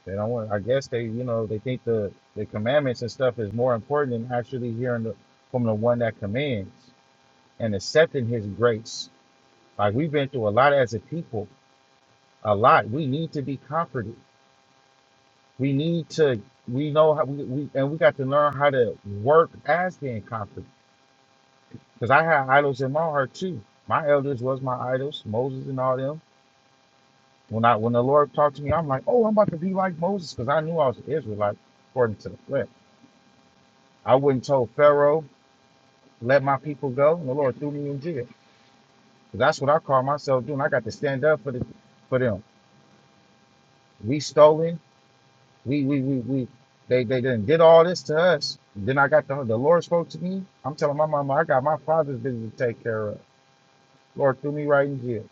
S3: they don't want. I guess they, you know, they think the the commandments and stuff is more important than actually hearing the, from the one that commands and accepting His grace. Like we've been through a lot as a people, a lot. We need to be comforted. We need to. We know how we, we and we got to learn how to work as being comforted Because I had idols in my heart too. My elders was my idols, Moses and all them. When I when the Lord talked to me, I'm like, oh, I'm about to be like Moses, because I knew I was an Israelite according to the flesh. I wouldn't told Pharaoh, let my people go, and the Lord threw me in jail. 'Cause that's what I call myself doing. I got to stand up for the for them. We stolen, we we we we they they done did all this to us. Then I got the the Lord spoke to me. I'm telling my mama, I got my father's business to take care of. Lord threw me right in jail.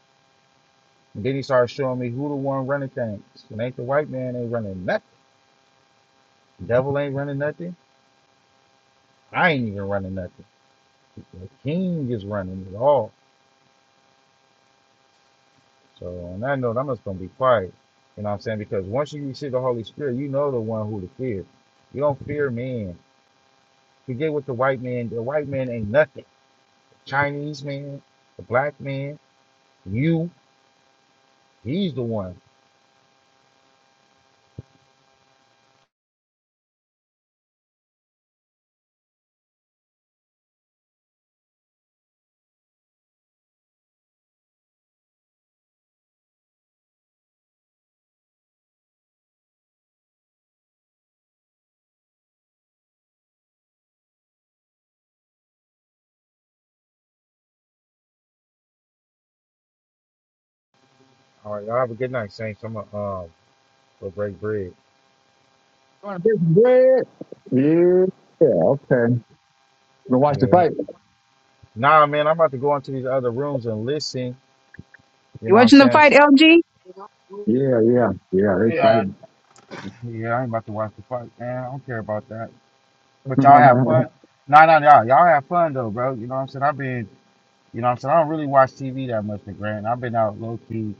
S3: And then he started showing me who the one running things. It ain't the white man ain't running nothing. Devil ain't running nothing. I ain't even running nothing. The king is running it all. So on that note, I'm just gonna be quiet. You know what I'm saying? Because once you receive the Holy Spirit, you know the one who to fear. You don't fear man. Forget what the white man. The white man ain't nothing. Chinese man, the black man, you. He's the one. All right, y'all have a good night, Saints. I'm gonna um go break bread.
S6: You Want to piece some bread? Yeah. Okay. Gonna watch the
S3: Yeah.
S6: fight?
S3: Nah, man, I'm about to go into these other rooms and listen You
S1: You
S3: know what I'm
S1: watching the
S3: saying?
S1: fight
S3: So,
S1: LG?
S6: Yeah, yeah, yeah. They
S3: yeah,
S6: fighting.
S3: yeah, I ain't about to watch the fight, man. I don't care about that. But y'all have
S6: yeah,
S3: fun. Nah, nah, y'all, y'all have fun though, bro. You know what I'm saying? I've been, you know what I'm saying? I don't really watch TV that much, Grant. I've been out low key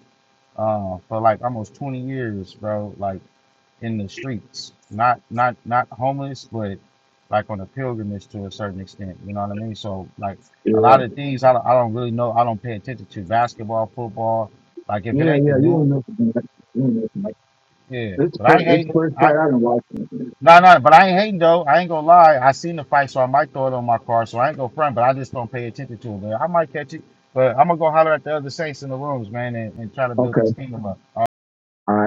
S3: uh, for like almost 20 years, bro. Like in the streets, not not not homeless, but like on a pilgrimage to a certain extent. You know what I mean? So like a lot of things I don't, I don't really know. I don't pay attention to basketball, football. Like if it
S6: yeah,
S3: ain't the
S6: yeah. You don't
S3: new,
S6: know. You don't know.
S3: yeah.
S6: It's
S3: But I
S6: first.
S3: ain't
S6: It's first
S3: hating.
S6: fight I've been watching.
S3: No, no, but I ain't hating though. I ain't gonna lie. I seen the fight, so I might throw it on my car. So I ain't gonna front, but I just don't pay attention to it. Man. I might catch it, but I'm gonna go holler at the other saints in the rooms, man, and, and try to build
S6: Okay.
S3: this kingdom up.
S6: All right.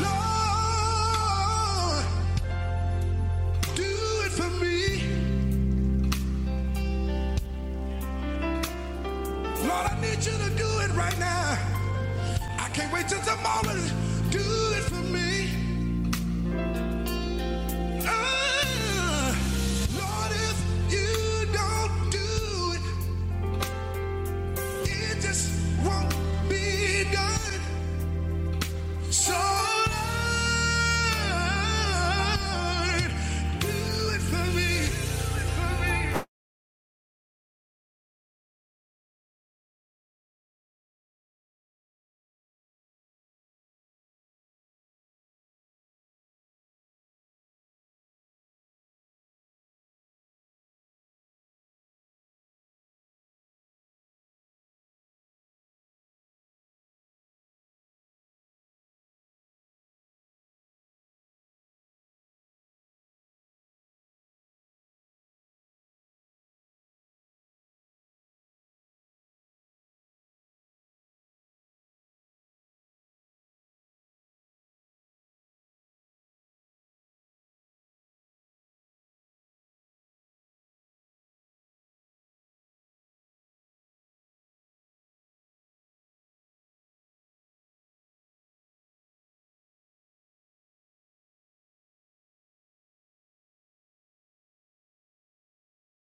S10: Lord, do it for me. Lord, I need you to do it right now. I can't wait till tomorrow. Do it for me. Ah, Lord, if you don't do it, it just won't be done. So, Lord, do it for me. Do it for me.